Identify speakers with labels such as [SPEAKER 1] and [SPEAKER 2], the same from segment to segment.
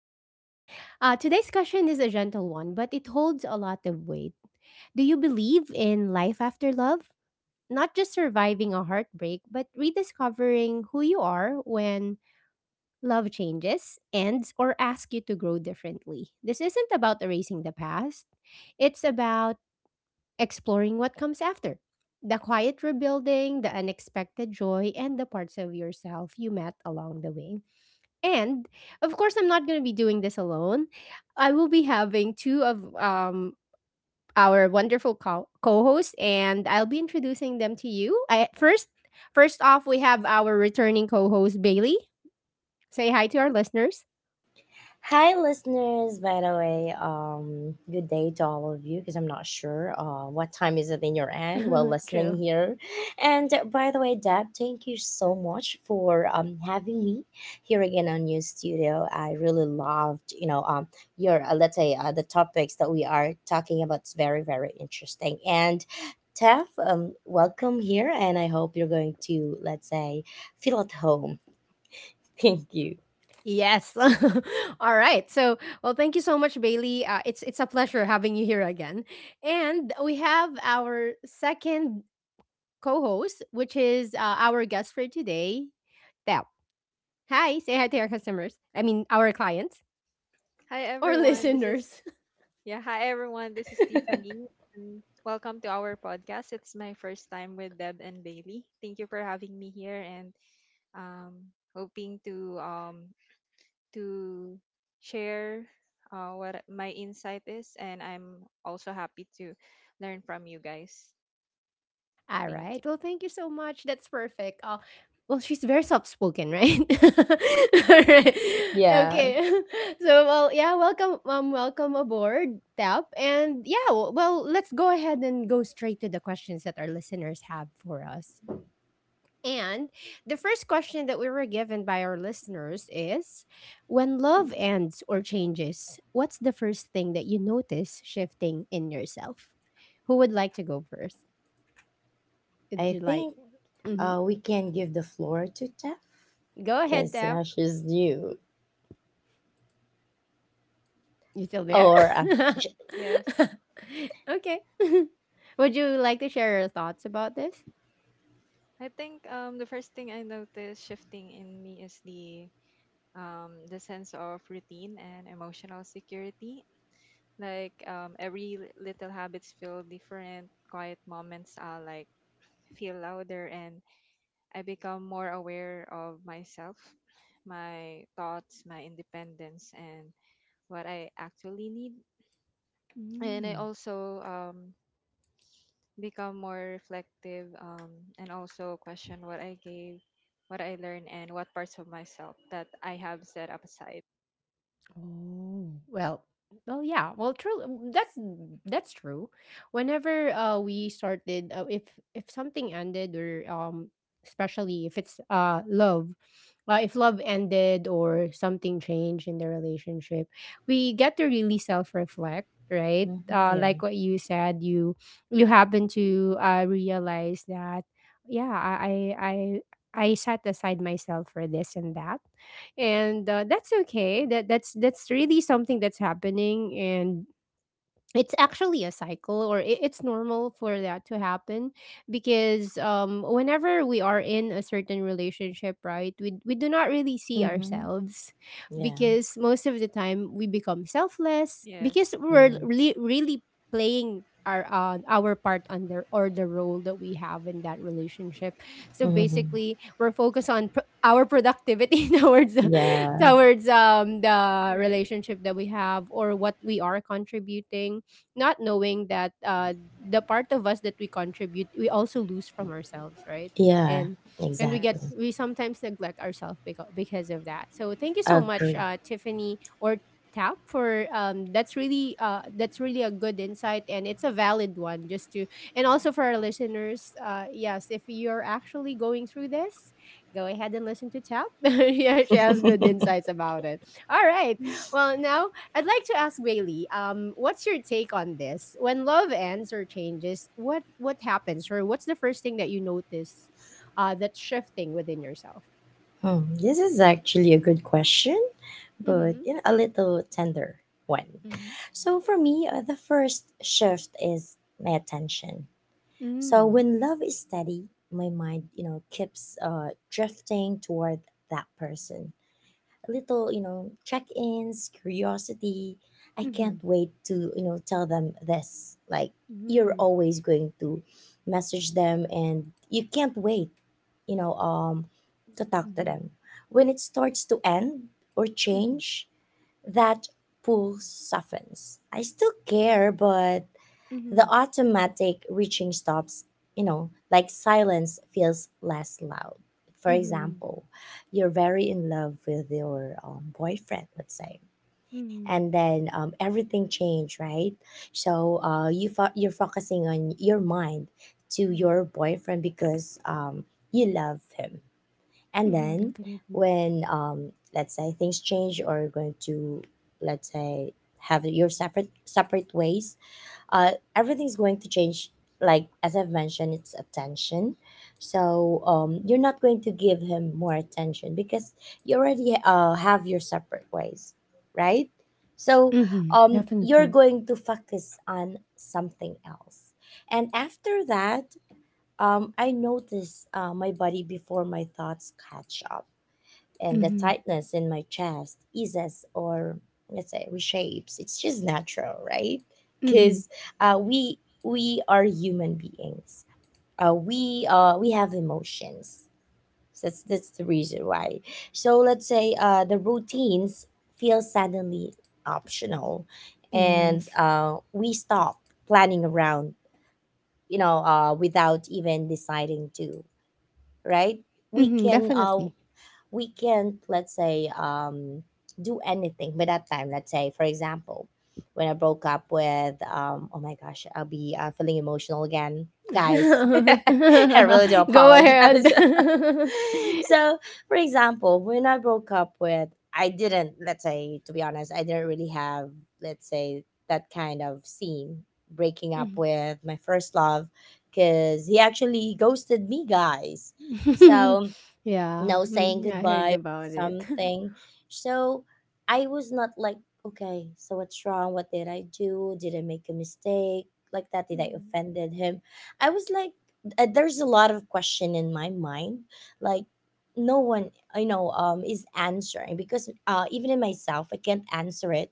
[SPEAKER 1] Today's question is a gentle one, but it holds a lot of weight. Do you believe in life after love? Not just surviving a heartbreak, but rediscovering who you are when love changes, ends, or asks you to grow differently. This isn't about erasing the past, it's about exploring what comes after. The quiet rebuilding, the unexpected joy, and the parts of yourself you met along the way. And of course, I'm not going to be doing this alone. I will be having two of our wonderful co-hosts, and I'll be introducing them to you. First off, we have our returning co-host Bailey. Say hi to our listeners.
[SPEAKER 2] Hi, listeners. By the way, good day to all of you because I'm not sure what time is it in your end while listening
[SPEAKER 1] True.
[SPEAKER 2] here. And by the way, Deb, thank you so much for having me here again on your studio. I really loved, your let's say the topics that we are talking about. It's very, very interesting. And Tef, welcome here, and I hope you're going to let's say feel at home. Thank you.
[SPEAKER 1] Yes. All right. Thank you so much, Bailey. It's a pleasure having you here again. And we have our second co-host, which is our guest for today. Hi, say hi to our customers. I mean, our clients or listeners. All right. Well, thank you so much. That's perfect. Oh, well, she's very soft spoken, right? All right.
[SPEAKER 2] Yeah.
[SPEAKER 1] Okay. Welcome, welcome aboard, Tap. And yeah, well, let's go ahead and go straight to the questions that our listeners have for us. And the first question that we were given by our listeners is, when love ends or changes, what's the first thing that you notice shifting in yourself? Who would like to go first? Would
[SPEAKER 2] I
[SPEAKER 1] you like?
[SPEAKER 2] think
[SPEAKER 1] Mhm.
[SPEAKER 2] We can give the floor to Tef
[SPEAKER 1] Go ahead,
[SPEAKER 2] because
[SPEAKER 1] Deb.
[SPEAKER 2] now she's new.
[SPEAKER 1] You still there?
[SPEAKER 2] Or uh, sh-
[SPEAKER 1] Okay. Would you like to share your thoughts about this? Mm. Oh, well, True. That's that's true. Whenever we started, if something ended, or especially if it's love, if love ended or something changed in the relationship, we get to really self reflect, right?
[SPEAKER 2] mhm, yeah,
[SPEAKER 1] Like what you said, you happen to realize that, yeah, I set aside myself for this and that, and that's okay, that's really something that's happening, and it's actually a cycle, or it's normal for that to happen because whenever we are in a certain relationship, right, we do not really see
[SPEAKER 2] mm-hmm,
[SPEAKER 1] ourselves
[SPEAKER 2] yeah,
[SPEAKER 1] because most of the time we become selfless because we're
[SPEAKER 2] yes,
[SPEAKER 1] really playing our part under or the role that we have in that relationship. So
[SPEAKER 2] mm-hmm,
[SPEAKER 1] basically we're focused on our productivity towards
[SPEAKER 2] yeah,
[SPEAKER 1] the relationship that we have or what we are contributing, not knowing that the part of us that we contribute, we also lose from ourselves, right?
[SPEAKER 2] yeah,
[SPEAKER 1] And and we get,
[SPEAKER 2] exactly.
[SPEAKER 1] we sometimes neglect ourselves because of that. So thank you so much,
[SPEAKER 2] Agree.
[SPEAKER 1] Tiffany or Tap for that's really a good insight and it's a valid one just to, and also for our listeners, yes, if you're actually going through this, go ahead and listen to Tap. Yeah, she has good insights about it. All right, well now I'd like to ask Bailey, what's your take on this? When love ends or changes, what happens, or what's the first thing that you notice that's shifting within yourself?
[SPEAKER 2] This is actually a good question, but
[SPEAKER 1] Mm-hmm.
[SPEAKER 2] you know, a little tender one.
[SPEAKER 1] Mm-hmm.
[SPEAKER 2] So for me, the first shift is my attention. So
[SPEAKER 1] Mm.
[SPEAKER 2] when love is steady, my mind, you know, keeps drifting toward that person, little, you know, check-ins, curiosity. I
[SPEAKER 1] Mm-hmm.
[SPEAKER 2] can't wait to, you know, tell them this. Like, you're
[SPEAKER 1] Mm-hmm.
[SPEAKER 2] always going to message them and you can't wait, you know, to talk to
[SPEAKER 1] Mm-hmm.
[SPEAKER 2] them. When it starts to end or
[SPEAKER 1] Mm-hmm.
[SPEAKER 2] change, that pull softens. I still care, but the
[SPEAKER 1] Mm-hmm.
[SPEAKER 2] automatic reaching stops, you know, like silence feels less loud. For
[SPEAKER 1] Mm-hmm.
[SPEAKER 2] example, you're very in love with your boyfriend, let's say,
[SPEAKER 1] Mm-hmm.
[SPEAKER 2] and then everything changed, right? So you're focusing on your mind to
[SPEAKER 1] Mm-hmm.
[SPEAKER 2] your boyfriend because you love him. And
[SPEAKER 1] Mm-hmm.
[SPEAKER 2] then
[SPEAKER 1] Definitely.
[SPEAKER 2] when, let's say, things change or going to, let's say, have your separate separate ways, uh everything's going to change, like as I've mentioned, it's attention. So you're not going to give him more attention because you already have your separate ways, right? So
[SPEAKER 1] Mm-hmm.
[SPEAKER 2] you're
[SPEAKER 1] Definitely.
[SPEAKER 2] going to focus on something else. And after that, I notice my body before my thoughts catch up, and the
[SPEAKER 1] Mm-hmm.
[SPEAKER 2] tightness in my chest eases or, let's say, reshapes. It's just natural, right?
[SPEAKER 1] Mm-hmm.
[SPEAKER 2] Because uh, we we are human beings. We have emotions. So that's the reason why. So let's say the routines feel suddenly optional, and
[SPEAKER 1] Yes.
[SPEAKER 2] we stop planning around, you know, without even deciding to, right? We
[SPEAKER 1] Mm-hmm.
[SPEAKER 2] can uh
[SPEAKER 1] Definitely.
[SPEAKER 2] we can, let's say, do anything by that time. Let's say, for example, when I broke up with oh my gosh, I'll be feeling emotional again. Guys, I really do
[SPEAKER 1] Go ahead.
[SPEAKER 2] apologize. So, for example, when I broke up with, I didn't, let's say, to be honest, I didn't really have, let's say, that kind of scene breaking up
[SPEAKER 1] Mhm.
[SPEAKER 2] with my first love because he actually ghosted me, guys. So
[SPEAKER 1] Yeah,
[SPEAKER 2] no saying
[SPEAKER 1] yeah, I heard
[SPEAKER 2] goodbye or
[SPEAKER 1] about it.
[SPEAKER 2] something. So I was not like, okay, so what's wrong? What did I do? Did I make a mistake? Like that? Did I offended him? I was like, there's a lot of question in my mind. Like, no one I know is answering because even in myself I can't answer it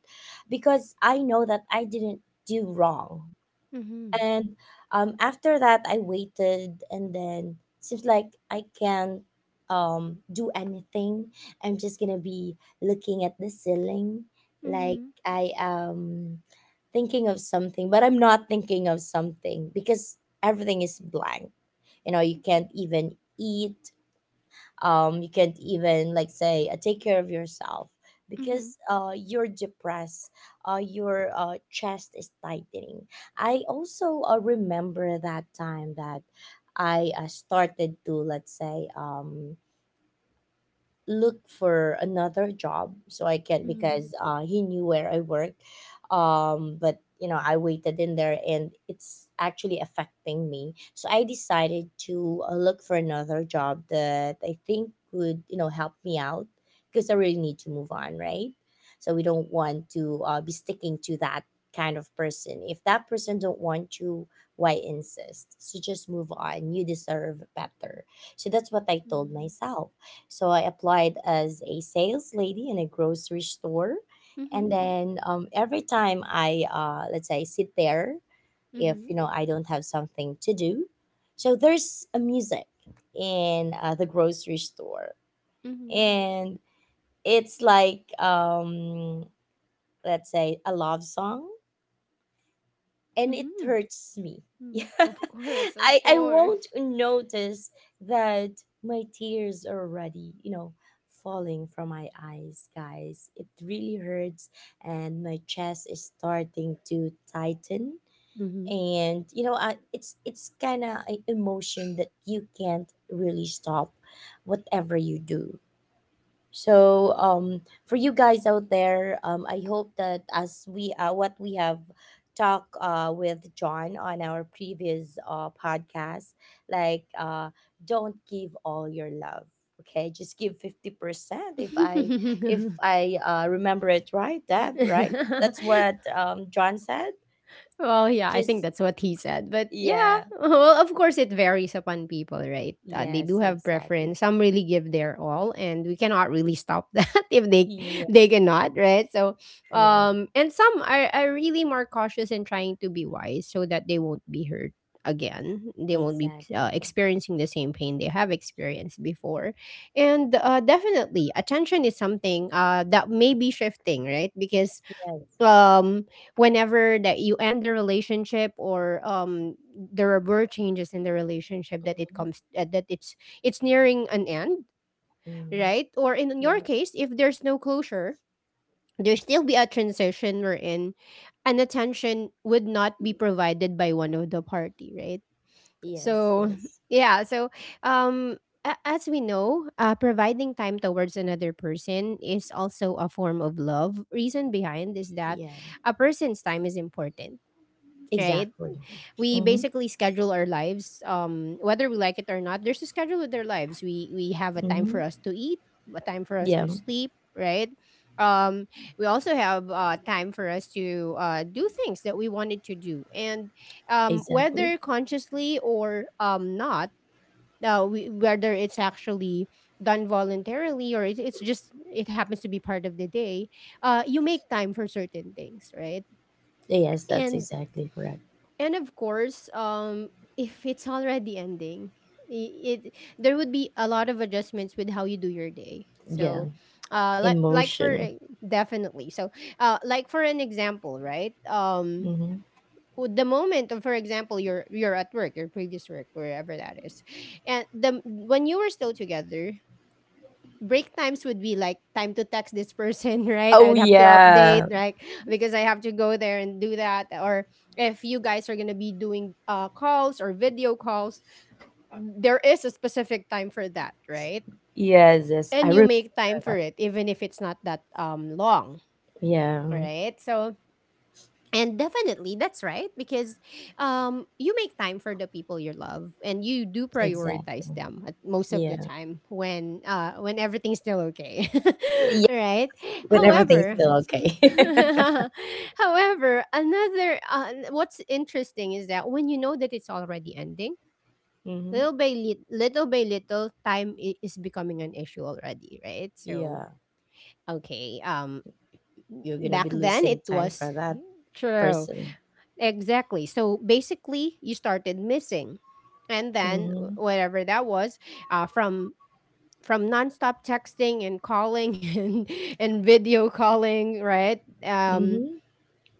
[SPEAKER 2] because I know that I didn't do wrong.
[SPEAKER 1] Mm-hmm.
[SPEAKER 2] And after that, I waited, and then seems like I can't do anything. I'm just gonna be looking at the ceiling, like,
[SPEAKER 1] Mm-hmm.
[SPEAKER 2] I am thinking of something but I'm not thinking of something because everything is blank. You know, you can't
[SPEAKER 1] Mm-hmm.
[SPEAKER 2] even eat, you can't even, like, say, take care of yourself
[SPEAKER 1] Mm-hmm.
[SPEAKER 2] because you're depressed, your chest is tightening. I also remember that time that I started to, let's say, look for another job, so I can,
[SPEAKER 1] Mm-hmm.
[SPEAKER 2] because he knew where I worked. But you know, I waited in there and it's actually affecting me. So I decided to look for another job that I think would, you know, help me out because I really need to move on, right? So we don't want to be sticking to that kind of person. If that person don't want you, why insist? So just move on. You deserve better. So that's what I told myself. So I applied as a sales lady in a grocery store.
[SPEAKER 1] Mm-hmm. Mm-hmm.
[SPEAKER 2] And then, every time I, let's say, sit there, if
[SPEAKER 1] Mm-hmm.
[SPEAKER 2] you know I don't have something to do, so there's a music in the grocery store,
[SPEAKER 1] Mm-hmm.
[SPEAKER 2] and it's like, let's say, a love song, and it
[SPEAKER 1] Mm-hmm.
[SPEAKER 2] hurts me.
[SPEAKER 1] Mm.
[SPEAKER 2] Yeah.
[SPEAKER 1] Of course,
[SPEAKER 2] I
[SPEAKER 1] of
[SPEAKER 2] I won't
[SPEAKER 1] course.
[SPEAKER 2] notice that my tears are already, you know, falling from my eyes, guys. It really hurts, and my chest is starting to tighten.
[SPEAKER 1] Mm-hmm.
[SPEAKER 2] And you know, it's kind of an emotion that you can't really stop whatever you do. So, for you guys out there, I hope that as we what we have talked with John on our previous podcast, like, don't give all your love. Okay, just give 50%. If I remember it right, Deb, right? That's what, John said.
[SPEAKER 1] Well, yeah, I think
[SPEAKER 2] Just,
[SPEAKER 1] that's what he said. But yeah,
[SPEAKER 2] yeah,
[SPEAKER 1] well, of course, it varies upon people, right? They
[SPEAKER 2] yes,
[SPEAKER 1] do have
[SPEAKER 2] exactly.
[SPEAKER 1] preference. Some really give their all, and we cannot really stop that if
[SPEAKER 2] Yeah,
[SPEAKER 1] they cannot, right? So,
[SPEAKER 2] yeah,
[SPEAKER 1] and some are really more cautious in trying to be wise so that they won't be hurt again. They won't be
[SPEAKER 2] exactly.
[SPEAKER 1] experiencing the same pain they have experienced before, and definitely attention is something that may be shifting, right? Because
[SPEAKER 2] Yes.
[SPEAKER 1] um whenever that you end the relationship, or there were changes in the relationship that it
[SPEAKER 2] Mm-hmm.
[SPEAKER 1] comes that it's nearing an end,
[SPEAKER 2] Mm-hmm.
[SPEAKER 1] right, or in
[SPEAKER 2] Yeah.
[SPEAKER 1] your case, if there's no closure, there still be a transition wherein an attention would not be provided by one of the party, right.
[SPEAKER 2] Yes,
[SPEAKER 1] So,
[SPEAKER 2] yes,
[SPEAKER 1] yeah. So, um, as we know, providing time towards another person is also a form of love. Reason behind is that
[SPEAKER 2] yeah,
[SPEAKER 1] a person's time is important, right?
[SPEAKER 2] exactly.
[SPEAKER 1] We
[SPEAKER 2] Mm-hmm,
[SPEAKER 1] basically schedule our lives, whether we like it or not, there's a schedule with their lives. We have a time for
[SPEAKER 2] mm-hmm.
[SPEAKER 1] us to eat, a time for us
[SPEAKER 2] Yeah,
[SPEAKER 1] to sleep, right? Um, we also have time for us to do things that we wanted to do, and
[SPEAKER 2] exactly.
[SPEAKER 1] whether consciously or not, we, whether it's actually done voluntarily or it's just it happens to be part of the day, you make time for certain things, right?
[SPEAKER 2] Yes, that's
[SPEAKER 1] and
[SPEAKER 2] exactly correct.
[SPEAKER 1] and of course, if it's already ending, it there would be a lot of adjustments with how you do your day.
[SPEAKER 2] Yeah,
[SPEAKER 1] So, like for
[SPEAKER 2] emotion.
[SPEAKER 1] definitely. So, like for an example, right?
[SPEAKER 2] Mm-hmm.
[SPEAKER 1] The moment of, for example, you're at work, your previous work, wherever that is, and the when you were still together, break times would be like time to text this person, right? I
[SPEAKER 2] Oh,
[SPEAKER 1] would have to
[SPEAKER 2] yeah.
[SPEAKER 1] update, right? Because I have to go there and do that. Or if you guys are going to be doing calls or video calls, there is a specific time for that, right?
[SPEAKER 2] Yes, yes, I
[SPEAKER 1] And you
[SPEAKER 2] remember
[SPEAKER 1] make time for
[SPEAKER 2] that.
[SPEAKER 1] it, even if it's not that long,
[SPEAKER 2] Yeah,
[SPEAKER 1] right? So, and definitely, that's right because you make time for the people you love, and you do prioritize
[SPEAKER 2] exactly.
[SPEAKER 1] them at most of the
[SPEAKER 2] Yeah,
[SPEAKER 1] time when everything's still okay,
[SPEAKER 2] yeah,
[SPEAKER 1] right?
[SPEAKER 2] when everything's
[SPEAKER 1] However,
[SPEAKER 2] still okay.
[SPEAKER 1] however, another what's interesting is that when you know that it's already ending,
[SPEAKER 2] Mm-hmm.
[SPEAKER 1] little by little, time is becoming an issue already, right? So
[SPEAKER 2] Yeah,
[SPEAKER 1] okay,
[SPEAKER 2] you're gonna be
[SPEAKER 1] back then
[SPEAKER 2] losing
[SPEAKER 1] it
[SPEAKER 2] time
[SPEAKER 1] was
[SPEAKER 2] for that
[SPEAKER 1] true.
[SPEAKER 2] person.
[SPEAKER 1] Exactly. So basically, you started missing, and then
[SPEAKER 2] Mm-hmm.
[SPEAKER 1] whatever that was, uh, from from nonstop texting and calling and video calling, right?
[SPEAKER 2] Mm-hmm.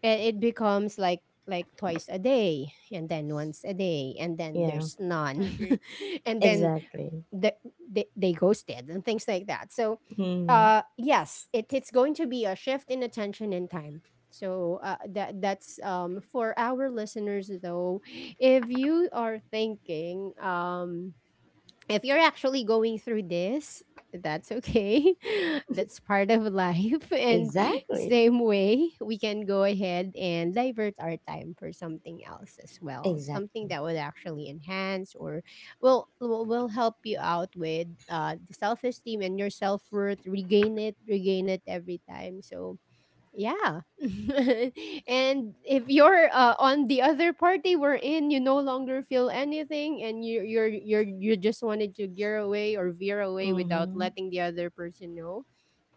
[SPEAKER 1] And it becomes like twice a day, and then once a day, and then
[SPEAKER 2] Yeah,
[SPEAKER 1] there's none, and then
[SPEAKER 2] exactly.
[SPEAKER 1] the, they ghosted and things like that. So
[SPEAKER 2] Mm-hmm.
[SPEAKER 1] yes, it's going to be a shift in attention and time. So that that's for our listeners though, if you are thinking, if you're actually going through this, that's okay. That's part of life. And
[SPEAKER 2] Exactly,
[SPEAKER 1] same way, we can go ahead and divert our time for something else as well. Something
[SPEAKER 2] exactly.
[SPEAKER 1] that would actually enhance or will help you out with the self esteem and your self worth. Regain it every time. So yeah. And if you're on the other party we're in, you no longer feel anything and you're you just wanted to gear away or veer away without
[SPEAKER 2] Mm-hmm.
[SPEAKER 1] letting the other person know.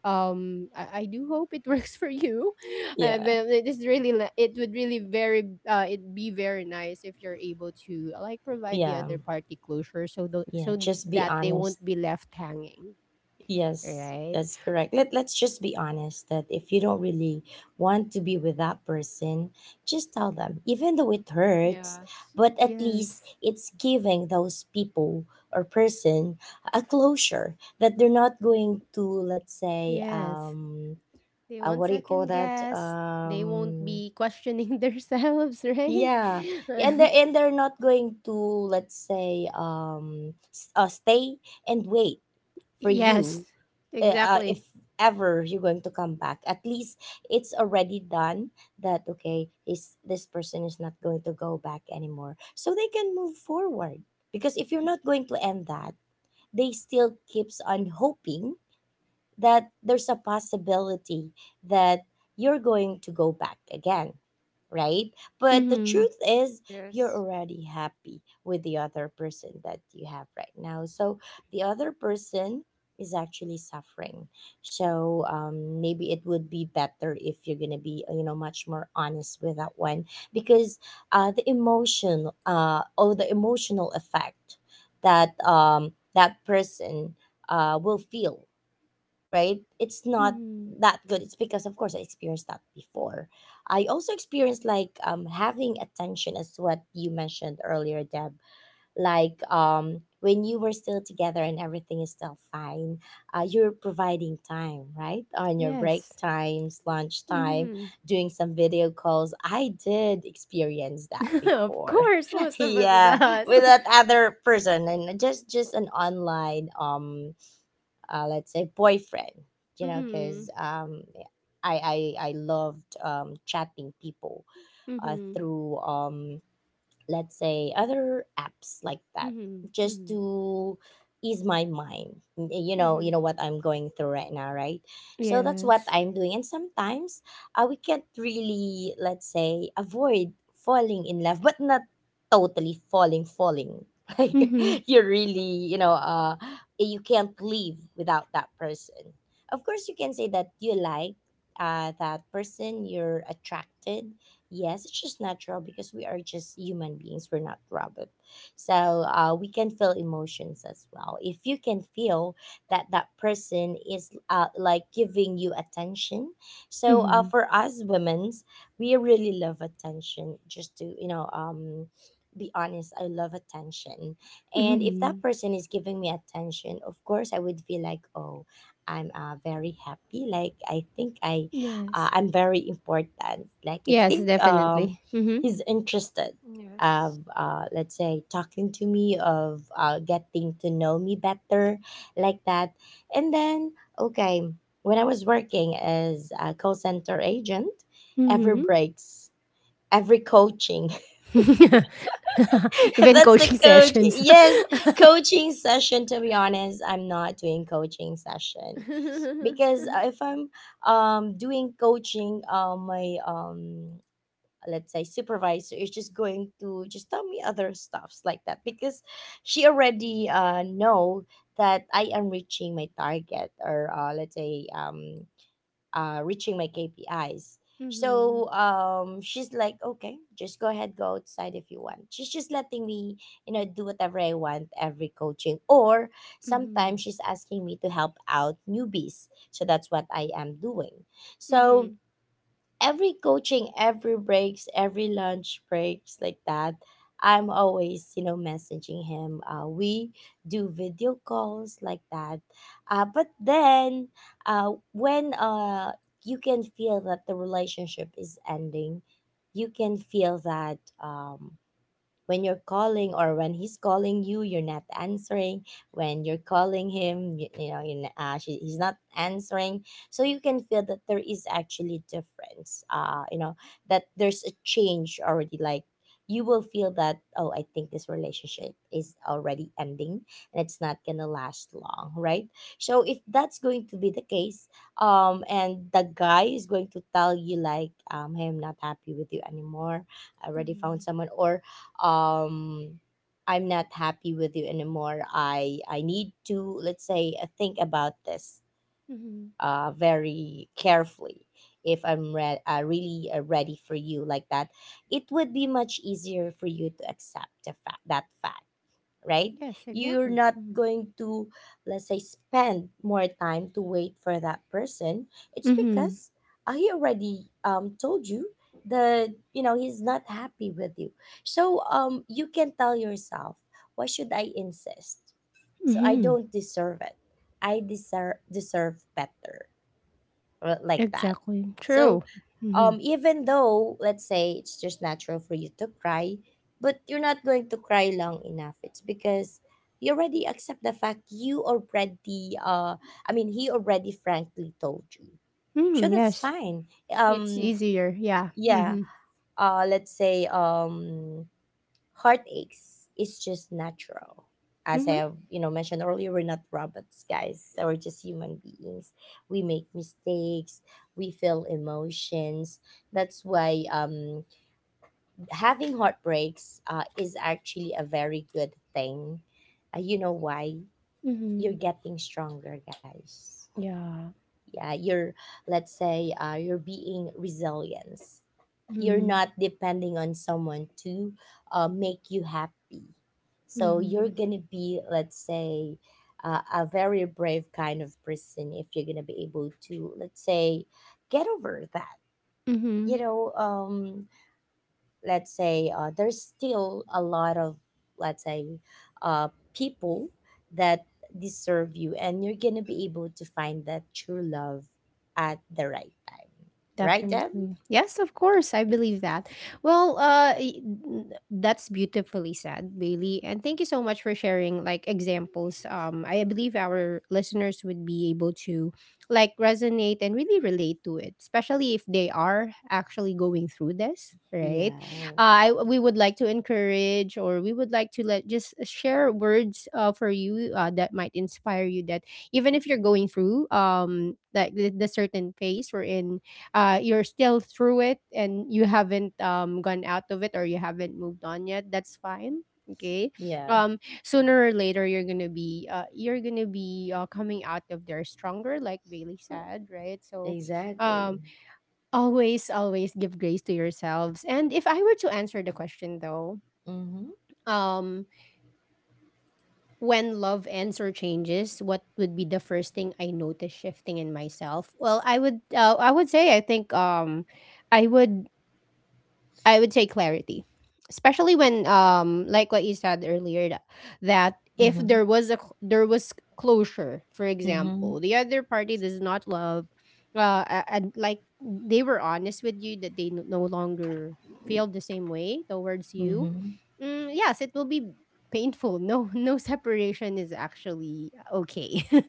[SPEAKER 1] Um, I do hope it works for you.
[SPEAKER 2] Yeah,
[SPEAKER 1] But it is really it would really very it be very nice if you're able to like provide the
[SPEAKER 2] yeah,
[SPEAKER 1] other party closure so the
[SPEAKER 2] yeah.
[SPEAKER 1] so
[SPEAKER 2] Just be
[SPEAKER 1] that they
[SPEAKER 2] honest.
[SPEAKER 1] won't be left hanging.
[SPEAKER 2] Yes,
[SPEAKER 1] Right?
[SPEAKER 2] that's correct. Let, let's just be honest that if you don't really want to be with that person, just tell them. Even though it hurts, but at least
[SPEAKER 1] Yes.
[SPEAKER 2] it's giving those people or person a closure that they're not going to, let's say,
[SPEAKER 1] Yes. They won't
[SPEAKER 2] what do you call
[SPEAKER 1] second
[SPEAKER 2] that?
[SPEAKER 1] guess. They won't be questioning themselves, right?
[SPEAKER 2] Yeah, and they're and they're not going to, let's say, stay and wait for
[SPEAKER 1] Yes,
[SPEAKER 2] you. If
[SPEAKER 1] exactly.
[SPEAKER 2] ever you're going to come back, at least it's already done that, okay, is this person is not going to go back anymore, so they can move forward. Because if you're not going to end that, they still keeps on hoping that there's a possibility that you're going to go back again, right? But the
[SPEAKER 1] Mm-hmm.
[SPEAKER 2] truth is, you're already happy with the other person that you have right now. So the other person is actually suffering. So maybe it would be better if you're gonna be, you know, much more honest with that one because the emotion, or the emotional effect that, that person will feel, right? It's not
[SPEAKER 1] Mm-hmm.
[SPEAKER 2] that good. It's because, of course, I experienced that before. I also experienced, like, having attention, as what you mentioned earlier, Deb. Like, when you were still together and everything is still fine, you're providing time, right? On your break
[SPEAKER 1] Yes.
[SPEAKER 2] times, lunch time,
[SPEAKER 1] Mm-hmm.
[SPEAKER 2] doing some video calls. I did experience that
[SPEAKER 1] Of
[SPEAKER 2] before.
[SPEAKER 1] course, most of us
[SPEAKER 2] Yeah,
[SPEAKER 1] does.
[SPEAKER 2] with that other person, and just an online let's say boyfriend, you know,
[SPEAKER 1] Mm.
[SPEAKER 2] because, I loved chatting people uh,
[SPEAKER 1] Mm-hmm.
[SPEAKER 2] through um, let's say other apps like that,
[SPEAKER 1] Mm-hmm.
[SPEAKER 2] just
[SPEAKER 1] Mm-hmm.
[SPEAKER 2] to ease my mind. You know, you
[SPEAKER 1] Mm-hmm.
[SPEAKER 2] know what I'm going through right now, right? So that's what
[SPEAKER 1] Yes.
[SPEAKER 2] I'm doing. And sometimes we can't really, let's say, avoid falling in love, but not totally falling. Like,
[SPEAKER 1] Mm-hmm.
[SPEAKER 2] you really, you know, you can't live without that person. Of course, you can say that you like that person, you're attracted. Yes, it's just natural because we are just human beings. We're not robot. So we can feel emotions as well. If you can feel that that person is like giving you attention. So
[SPEAKER 1] Mm-hmm.
[SPEAKER 2] for us women, we really love attention. Just to, you know, be honest, I love attention. And if
[SPEAKER 1] Mm-hmm.
[SPEAKER 2] that person is giving me attention, of course, I would feel like, oh, I'm very happy. Like, I think
[SPEAKER 1] Yes.
[SPEAKER 2] I'm very important. Like, I
[SPEAKER 1] Yes,
[SPEAKER 2] think,
[SPEAKER 1] definitely.
[SPEAKER 2] he's interested of let's say talking to me, of getting to know me better, like that. And then, okay, when I was working as a call center agent, every
[SPEAKER 1] Mm-hmm.
[SPEAKER 2] breaks, every coaching,
[SPEAKER 1] Mm-hmm. Even
[SPEAKER 2] that's the
[SPEAKER 1] coaching
[SPEAKER 2] coach.
[SPEAKER 1] sessions.
[SPEAKER 2] Yes, coaching session. To be honest, I'm not doing coaching session because if I'm doing coaching, my let's say supervisor is just going to just tell me other stuffs like that because she already know that I am reaching my target or, let's say, reaching my KPIs.
[SPEAKER 1] Mhm.
[SPEAKER 2] So she's like, okay, just go ahead, go outside if you want. She's just letting me, you know, do whatever I want every coaching, or
[SPEAKER 1] Mhm.
[SPEAKER 2] sometimes she's asking me to help out newbies. So that's what I am doing. So
[SPEAKER 1] Mhm.
[SPEAKER 2] every coaching, every breaks, every lunch breaks like that, I'm always, you know, messaging him. We do video calls like that. But then, when you can feel that the relationship is ending. You can feel that um, when you're calling or when he's calling you, you're not answering. When you're calling him, you know he's not answering. So you can feel that there is actually difference. That there's a change already, like, you will feel that, oh, I think this relationship is already ending, and it's not gonna last long, right? So if that's going to be the case, and the guy is going to tell you, like, hey, I'm not happy with you anymore. I already
[SPEAKER 1] Mhm.
[SPEAKER 2] found someone, or um I'm not happy with you anymore. I need to, let's say, think about this
[SPEAKER 1] Mhm.
[SPEAKER 2] very carefully, if I'm really ready for you, like that. It would be much easier for you to accept the fact that fact, right?
[SPEAKER 1] Yes,
[SPEAKER 2] You're
[SPEAKER 1] exactly.
[SPEAKER 2] not
[SPEAKER 1] Mhm.
[SPEAKER 2] going to, let's say, spend more time to wait for that person. It's
[SPEAKER 1] Mhm.
[SPEAKER 2] because he already told you that, he's not happy with you. So, you can tell yourself, why should I insist? So I
[SPEAKER 1] Mhm.
[SPEAKER 2] don't deserve it. I deserve better, like that.
[SPEAKER 1] Exactly.
[SPEAKER 2] So,
[SPEAKER 1] True. Mhm.
[SPEAKER 2] even though, let's say, it's just natural for you to cry, but you're not going to cry long enough. It's because you already accept the fact, you already I mean, he already frankly told you. So
[SPEAKER 1] Mhm.
[SPEAKER 2] that's
[SPEAKER 1] Yes.
[SPEAKER 2] fine.
[SPEAKER 1] It's
[SPEAKER 2] Um
[SPEAKER 1] easier. Yeah.
[SPEAKER 2] yeah,
[SPEAKER 1] Mhm.
[SPEAKER 2] let's say, heartaches is just natural. As
[SPEAKER 1] Mhm.
[SPEAKER 2] I have, mentioned earlier, we're not robots, guys. So we're just human beings. We make mistakes. We feel emotions. That's why, having heartbreaks is actually a very good thing. You know why? You're
[SPEAKER 1] Mhm.
[SPEAKER 2] getting stronger, guys,
[SPEAKER 1] Yeah.
[SPEAKER 2] yeah, you're let's say, you're being resilience. You're
[SPEAKER 1] Mhm.
[SPEAKER 2] not depending on someone to make you happy. So you're
[SPEAKER 1] Mhm.
[SPEAKER 2] gonna be, let's say, a very brave kind of person if you're gonna be able to, let's say, get over that. you
[SPEAKER 1] Mhm.
[SPEAKER 2] know um let's say, there's still a lot of, let's say, uh, people that deserve you, and you're gonna be able to find that true love at the right time, right, Deb?
[SPEAKER 1] Definitely. Yes, of course. I believe that. Well, that's beautifully said, Bailey. And thank you so much for sharing like examples. Um, I believe our listeners would be able to like resonate and really relate to it, especially if they are actually going through this, right?
[SPEAKER 2] Yeah,
[SPEAKER 1] I we would like to encourage, or we would like to let just share words for you that might inspire you that even if you're going through like the certain phase we're in, you're still through it and you haven't gone out of it, or you haven't moved on yet, that's fine, okay.
[SPEAKER 2] yeah,
[SPEAKER 1] Sooner or later, you're gonna be coming out of there stronger, like Bailey said, right? So um
[SPEAKER 2] exactly.
[SPEAKER 1] always, always give grace to yourselves. And if I were to answer the question though,
[SPEAKER 2] Mm-hmm.
[SPEAKER 1] um when love ends or changes, what would be the first thing I notice shifting in myself? Well, I would say I think, um i would I would say clarity, especially when, um, like what you said earlier, that if
[SPEAKER 2] Mm-hmm.
[SPEAKER 1] there was a there was closure, for
[SPEAKER 2] Mm-hmm.
[SPEAKER 1] example, the other party does not love, and like they were honest with you that they no longer feel the same way towards you.
[SPEAKER 2] Mm-hmm.
[SPEAKER 1] Mm, yes, it will be painful. No, no separation is actually okay,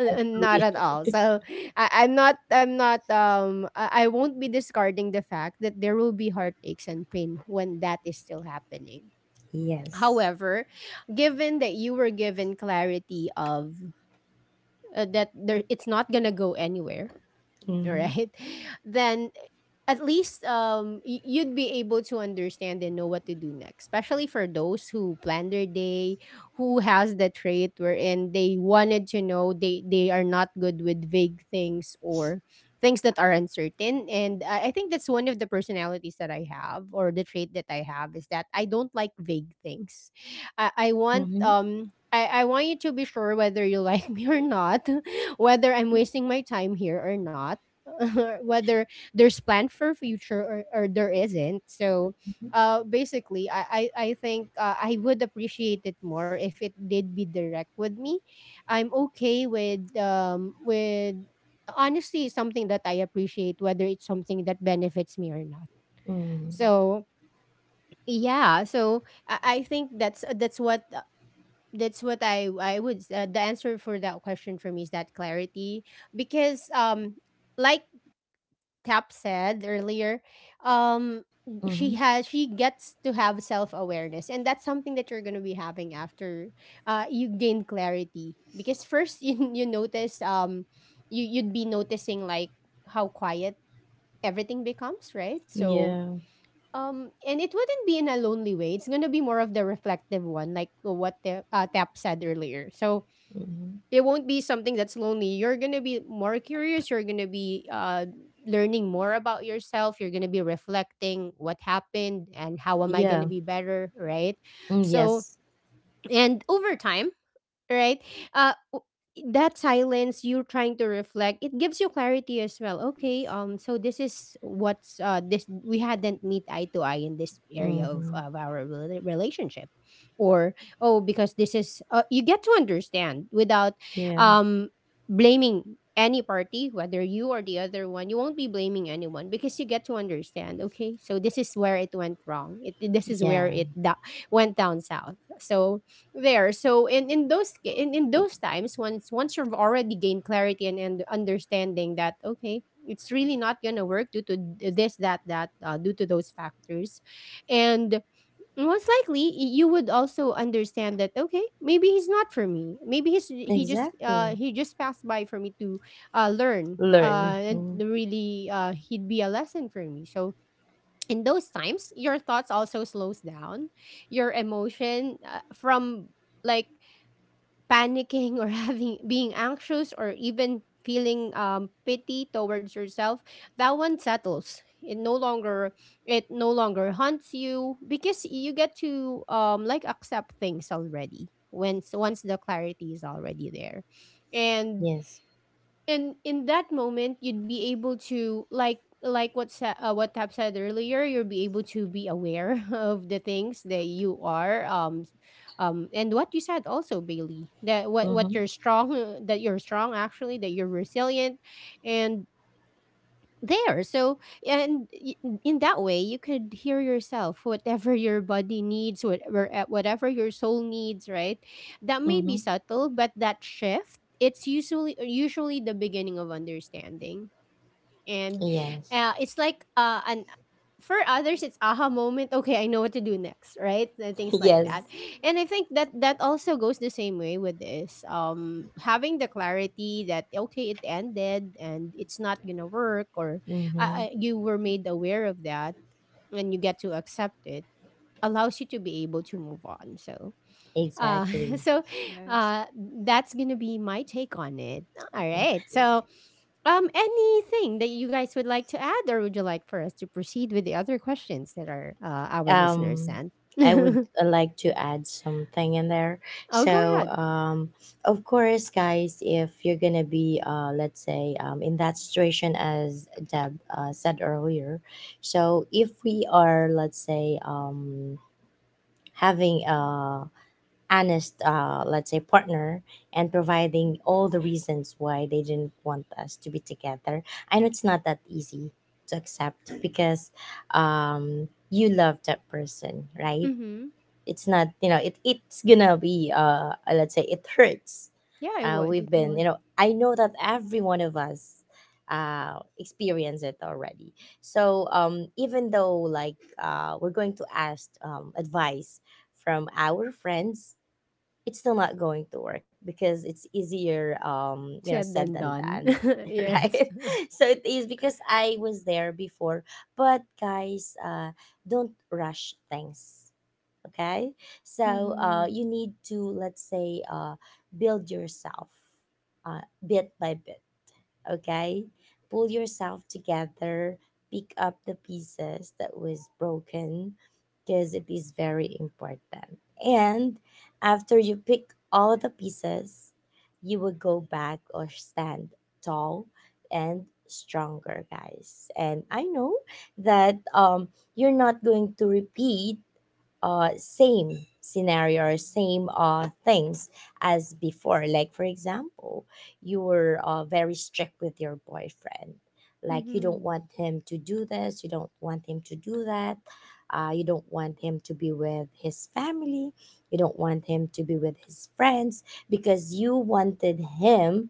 [SPEAKER 1] N- not at all. So I, I'm not I won't be discarding the fact that there will be heartaches and pain when that is still happening.
[SPEAKER 2] Yes.
[SPEAKER 1] However, given that you were given clarity of, that there, it's not going to go anywhere,
[SPEAKER 2] Mm-hmm.
[SPEAKER 1] right? Then at least, um, you'd be able to understand and know what to do next, especially for those who plan their day, who has the trait wherein they wanted to know. They are not good with vague things or things that are uncertain. And I think that's one of the personalities that I have, or the trait that I have, is that I don't like vague things. I want,
[SPEAKER 2] Mm-hmm.
[SPEAKER 1] um, I want you to be sure whether you like me or not, whether I'm wasting my time here or not, whether there's plan for future, or there isn't. So basically, I think, I would appreciate it more if it did be direct with me. I'm okay with, um, with honestly something that I appreciate, whether it's something that benefits me or not.
[SPEAKER 2] Mm-hmm.
[SPEAKER 1] So yeah, so I think that's that's what I would, the answer for that question for me is that clarity. Because, um, like Cap said earlier, um, she
[SPEAKER 2] Mm-hmm.
[SPEAKER 1] has she gets to have self awareness, and that's something that you're gonna be having after, you gain clarity. Because first, you notice, you'd be noticing like how quiet everything becomes, right? So,
[SPEAKER 2] Yeah.
[SPEAKER 1] and it wouldn't be in a lonely way. It's gonna be more of the reflective one, like what the, Tap said earlier. So
[SPEAKER 2] Mm-hmm.
[SPEAKER 1] it won't be something that's lonely. You're gonna be more curious. You're gonna be, learning more about yourself. You're gonna be reflecting what happened and how am I
[SPEAKER 2] Yeah.
[SPEAKER 1] gonna be better, right?
[SPEAKER 2] Mm,
[SPEAKER 1] So,
[SPEAKER 2] yes.
[SPEAKER 1] and over time, right? Uh, w- that silence you're trying to reflect, it gives you clarity as well. Okay, so this is what's uh, this we hadn't meet eye to eye in this area
[SPEAKER 2] Mm-hmm.
[SPEAKER 1] of our relationship, or oh, because this is, you get to understand without
[SPEAKER 2] Yeah.
[SPEAKER 1] um blaming any party, whether you or the other one. You won't be blaming anyone because you get to understand, okay, so this is where it went wrong. This is
[SPEAKER 2] Yeah.
[SPEAKER 1] where it went down south. So there, so in those times, once, once you've already gained clarity, and understanding that, okay, it's really not gonna work due to this, that, that, due to those factors. And most likely, you would also understand that, okay, maybe he's not for me. Maybe he just,
[SPEAKER 2] Exactly.
[SPEAKER 1] he just passed by for me to, uh, learn,
[SPEAKER 2] Learn.
[SPEAKER 1] uh, and
[SPEAKER 2] Mm.
[SPEAKER 1] really, uh, he'd be a lesson for me. So in those times your thoughts also slows down. Your emotion, from like panicking or having being anxious or even feeling, pity towards yourself, that one settles. It no longer, it no longer haunts you, because you get to, um, like accept things already once, once the clarity is already there. and
[SPEAKER 2] Yes.
[SPEAKER 1] and in that moment, you'd be able to, like what what Tab said earlier, you'll be able to be aware of the things that you are, and what you said also, Bailey, that what you're
[SPEAKER 2] Mm-hmm.
[SPEAKER 1] strong, that you're strong, actually, that you're resilient. And there, so and in that way, you could hear yourself, whatever your body needs, whatever your soul needs, right? That may be
[SPEAKER 2] Mm-hmm.
[SPEAKER 1] subtle, but that shift, it's usually the beginning of understanding. And,
[SPEAKER 2] Yes.
[SPEAKER 1] it's like, an, for others, it's aha moment. Okay, I know what to do next, right? And things like
[SPEAKER 2] Yes.
[SPEAKER 1] that. And I think that that also goes the same way with this, um, having the clarity that, okay, it ended and it's not gonna work, or
[SPEAKER 2] Mm-hmm.
[SPEAKER 1] you were made aware of that and you get to accept it allows you to be able to move on. So uh
[SPEAKER 2] Exactly.
[SPEAKER 1] so uh, that's gonna be my take on it. All
[SPEAKER 2] Yeah.
[SPEAKER 1] right. So anything that you guys would like to add, or would you like for us to proceed with the other questions that are, our listeners
[SPEAKER 2] Um,
[SPEAKER 1] sent?
[SPEAKER 2] I would,
[SPEAKER 1] Oh,
[SPEAKER 2] like to add something in there.
[SPEAKER 1] go
[SPEAKER 2] So,
[SPEAKER 1] ahead.
[SPEAKER 2] of course, guys, if you're gonna be, let's say, in that situation, as Deb said earlier. So if we are, let's say, having a honest, let's say, partner, and providing all the reasons why they didn't want us to be together. I know it's not that easy to accept, because, you love that person, right?
[SPEAKER 1] Mm-hmm.
[SPEAKER 2] It's not, you know, it's gonna be, let's say, it hurts.
[SPEAKER 1] Yeah, I would.
[SPEAKER 2] We've
[SPEAKER 1] It
[SPEAKER 2] been,
[SPEAKER 1] would.
[SPEAKER 2] I know that every one of us experience it already. So, even though, like, we're going to ask, advice from our friends. It's still not going to work because it's easier
[SPEAKER 1] Said
[SPEAKER 2] said
[SPEAKER 1] and
[SPEAKER 2] than
[SPEAKER 1] done.
[SPEAKER 2] done.
[SPEAKER 1] Yes.
[SPEAKER 2] Right. So it is, because I was there before. But guys, don't rush things, okay. So
[SPEAKER 1] Mm-hmm.
[SPEAKER 2] you need to, let's say, build yourself bit by bit, okay? Pull yourself together, pick up the pieces that was broken, because it is very important. And after you pick all the pieces, you will go back or stand tall and stronger, guys. And I know that, you're not going to repeat same scenario or same, things as before. Like, for example, you were, very strict with your boyfriend. Like, you don't
[SPEAKER 1] Mm-hmm.
[SPEAKER 2] want him to do this, you don't want him to do that, you don't want him to be with his family, you don't want him to be with his friends, because you wanted him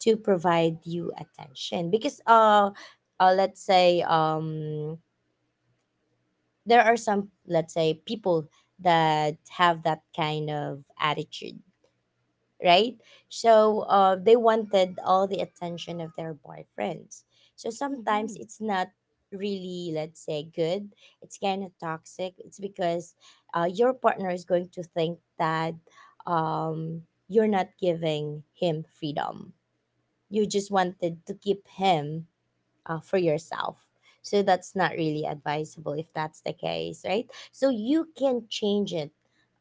[SPEAKER 2] to provide you attention. Because, let's say, there are some, let's say, people that have that kind of attitude, right? So, they wanted all the attention of their boyfriends. So
[SPEAKER 1] Mm-hmm.
[SPEAKER 2] sometimes it's not really, let's say, good. It's kind of toxic. It's because, your partner is going to think that, um, you're not giving him freedom, you just wanted to keep him, for yourself. So that's not really advisable if that's the case, right? So you can change it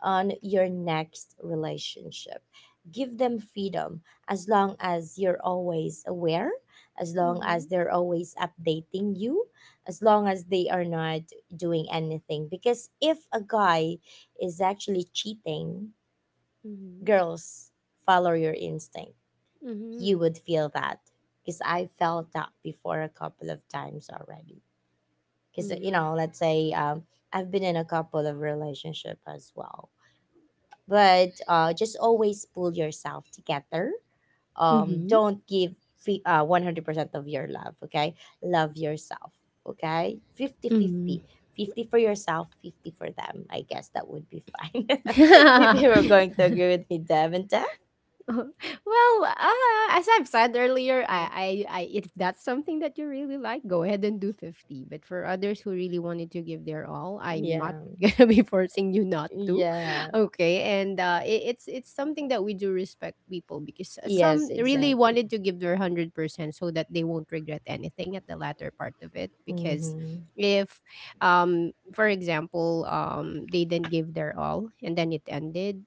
[SPEAKER 2] on your next relationship. Give them freedom, as long as you're always aware, as long
[SPEAKER 1] Mm-hmm.
[SPEAKER 2] as they're always updating you, as long as they are not doing anything. Because if a guy is actually cheating, girls, follow your instinct. You
[SPEAKER 1] Mm-hmm.
[SPEAKER 2] would feel that, because I felt that before a couple of times already. Because,
[SPEAKER 1] Mm-hmm.
[SPEAKER 2] let's say, I've been in a couple of relationship as well, but, just always pull yourself together.
[SPEAKER 1] Mm-hmm.
[SPEAKER 2] Don't give 100% of your love. Okay, love yourself. Okay, 50-50 fifty for yourself, 50 for them. I guess that would be fine. If you were
[SPEAKER 1] Mm-hmm.
[SPEAKER 2] going to agree with me, Dev and Dev.
[SPEAKER 1] Well, as I've said earlier, if that's something that you really like, go ahead and do 50%. But for others who really wanted to give their all, I'm not
[SPEAKER 2] Yeah.
[SPEAKER 1] gonna be forcing you not to.
[SPEAKER 2] Yeah.
[SPEAKER 1] Okay, and it's something that we do respect people because
[SPEAKER 2] Yes,
[SPEAKER 1] some really
[SPEAKER 2] exactly.
[SPEAKER 1] wanted to give their 100% so that they won't regret anything at the latter part of it because.
[SPEAKER 2] Mm-hmm.
[SPEAKER 1] If, for example, they didn't give their all and then it ended,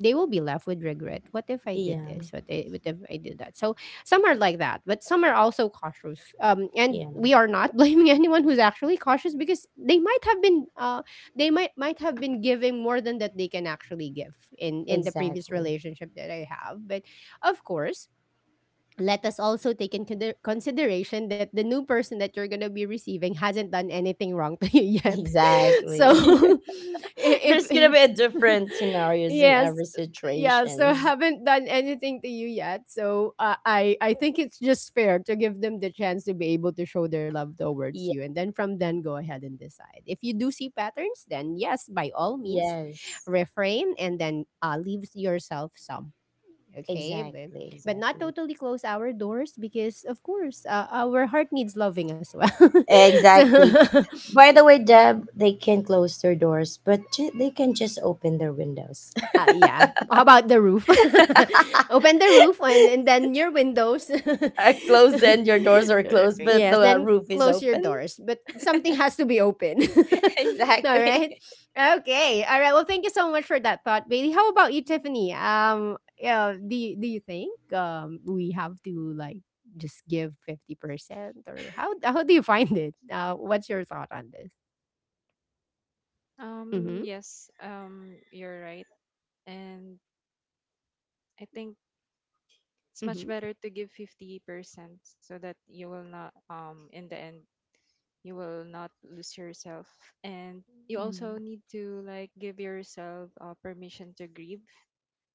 [SPEAKER 1] they will be left with regret. What if I did
[SPEAKER 2] Yeah,
[SPEAKER 1] this? What if I did that? So some are like that, but some are also cautious. And
[SPEAKER 2] yeah,
[SPEAKER 1] we are not blaming anyone who's actually cautious because they might have been they might have been giving more than that they can actually give in the previous
[SPEAKER 2] exactly.
[SPEAKER 1] relationship that I have. But of course, let us also take in consideration that the new person that you're going to be receiving hasn't done anything wrong to you yet.
[SPEAKER 2] Exactly.
[SPEAKER 1] So, I-
[SPEAKER 2] There's gonna be
[SPEAKER 1] if
[SPEAKER 2] a different scenarios in
[SPEAKER 1] yes,
[SPEAKER 2] every
[SPEAKER 1] yeah, so
[SPEAKER 2] situations.
[SPEAKER 1] haven't done anything to you yet. So, I think it's just fair to give them the chance to be able to show their love towards
[SPEAKER 2] Yeah,
[SPEAKER 1] you, and then from then go ahead and decide. If you do see patterns, then yes, by all means,
[SPEAKER 2] yes,
[SPEAKER 1] refrain and then, leave yourself some okay. but,
[SPEAKER 2] exactly,
[SPEAKER 1] but not
[SPEAKER 2] exactly,
[SPEAKER 1] totally close our doors because of course, our heart needs loving as well. So
[SPEAKER 2] exactly. By the way, Deb, they can close their doors, but they can just open their windows.
[SPEAKER 1] uh, yeah. How about the roof?
[SPEAKER 2] uh,
[SPEAKER 1] Open the roof and then your windows.
[SPEAKER 2] close and your doors are closed, but
[SPEAKER 1] Yes,
[SPEAKER 2] the,
[SPEAKER 1] then
[SPEAKER 2] roof
[SPEAKER 1] close
[SPEAKER 2] is
[SPEAKER 1] your
[SPEAKER 2] open.
[SPEAKER 1] doors. But something has to be open. All right.
[SPEAKER 2] Exactly.
[SPEAKER 1] Okay. All right. Well, thank you so much for that thought, Bailey. How about you, Tiffany? Yeah, do you think um, we have to like just give 50% or how do you find it? What's your thought on this? Mhm. Mhm. Mhm.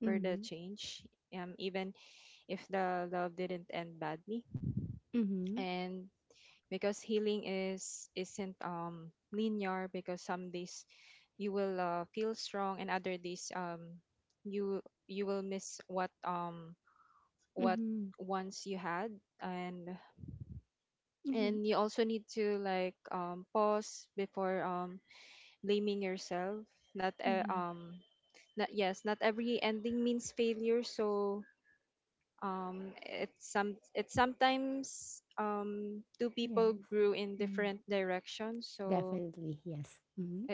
[SPEAKER 1] Mhm. Mhm. Mhm. Mhm, mhm. Yes. Mm, definitely, yes. Mhm,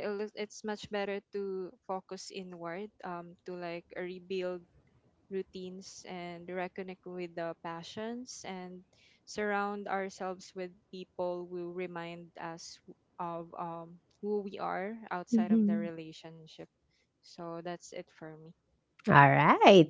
[SPEAKER 1] mhm. All right.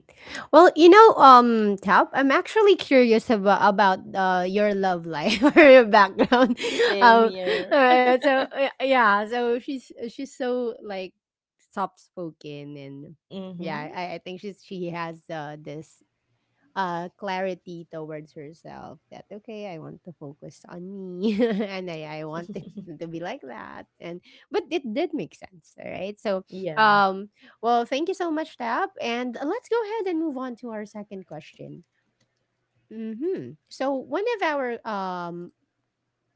[SPEAKER 1] Well, you know, Tap, I'm actually curious about your love life or your background.
[SPEAKER 2] Same
[SPEAKER 1] Um,
[SPEAKER 2] here.
[SPEAKER 1] so yeah, so she's, she's so like soft spoken and yeah,
[SPEAKER 2] Mm-hmm.
[SPEAKER 1] I think she has, this clarity towards herself that okay, I want to focus on me and I want it to be like that, and but it did make sense. All right, so
[SPEAKER 2] Yeah.
[SPEAKER 1] um, well thank you so much, Tab, and let's go ahead and move on to our second question. Mm-hmm. So one of our, um,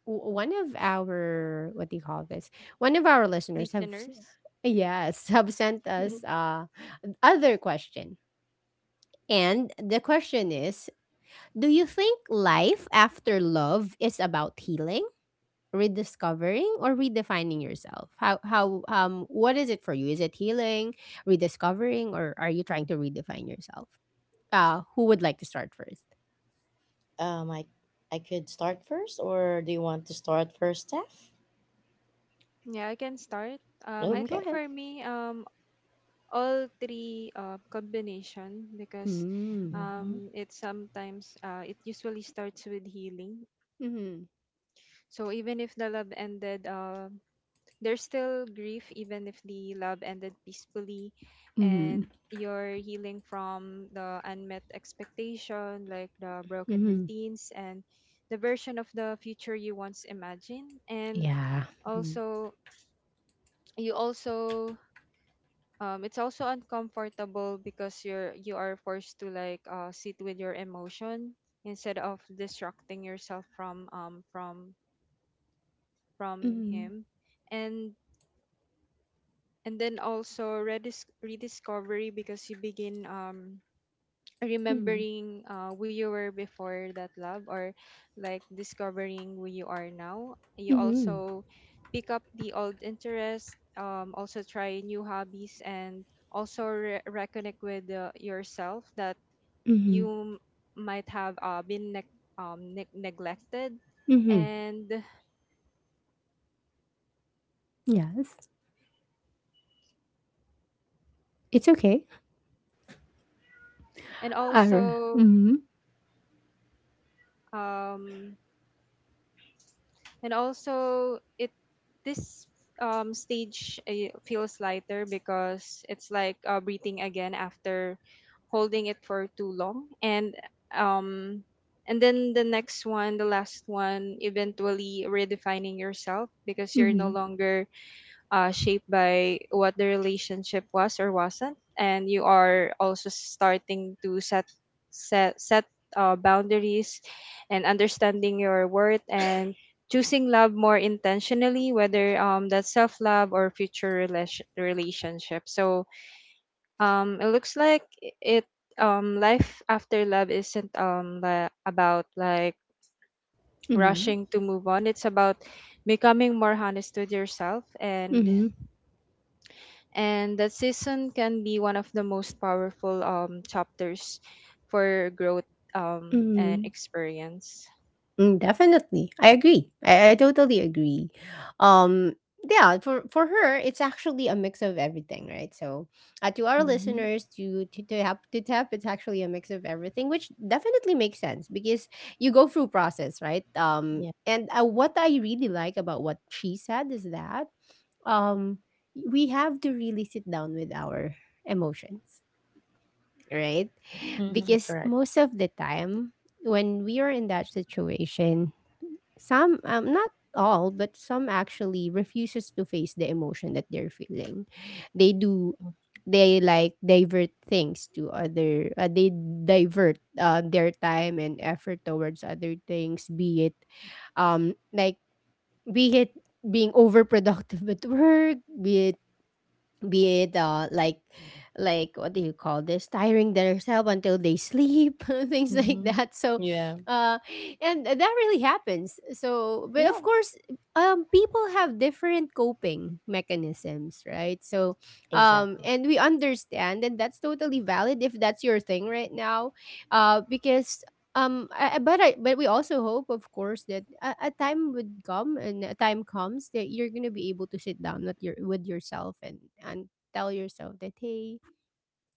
[SPEAKER 1] one of our, what do you call this, one of our listeners have yes, have sent us, uh, other question. And the question is, do you think life after love is about healing, rediscovering, or redefining yourself? How, um, what is it for you? Is it healing, rediscovering, or are you trying to redefine yourself? Who would like to start first?
[SPEAKER 2] Um, I I could start first, or do you want to start first, Steph?
[SPEAKER 1] Mm,
[SPEAKER 2] Okay.
[SPEAKER 1] go ahead. Mm.
[SPEAKER 2] Mm-hmm.
[SPEAKER 1] Mm-hmm. Mm-hmm. Mm-hmm. Yeah. Mm-hmm. Mm-hmm. Mm-hmm. Mm-hmm. Mm-hmm. Yes. It's okay. Uh, mm-hmm. Mm-hmm. Mm-hmm. Mm-hmm. Mm, definitely. I agree. I totally agree. Um, yeah, for her, it's actually a mix of everything, right? So, to our
[SPEAKER 2] Mm-hmm.
[SPEAKER 1] listeners, to tap to tap, it's actually a mix of everything, which definitely makes sense because you go through process, right?
[SPEAKER 2] Yeah.
[SPEAKER 1] Um, and what I really like about what she said is that um, we have to really sit down with our emotions, right?
[SPEAKER 2] Mm-hmm.
[SPEAKER 1] Because
[SPEAKER 2] Correct.
[SPEAKER 1] most of the time when we are in that situation, some, not all, but some actually refuses to face the emotion that they're feeling. They do, they like divert things to other, they divert their time and effort towards other things, be it like be it being overproductive at work, be it like what do you call this, tiring themselves until they sleep things
[SPEAKER 2] Mm-hmm.
[SPEAKER 1] like that. So
[SPEAKER 2] Yeah.
[SPEAKER 1] uh and that really happens. So, but
[SPEAKER 2] Yeah.
[SPEAKER 1] of course, people have different coping mechanisms, right? So
[SPEAKER 2] Exactly.
[SPEAKER 1] and we understand, and that's totally valid if that's your thing right now. Because, but we also hope, of course, that a time would come, and a time comes that you're gonna be able to sit down with yourself and tell yourself that, hey,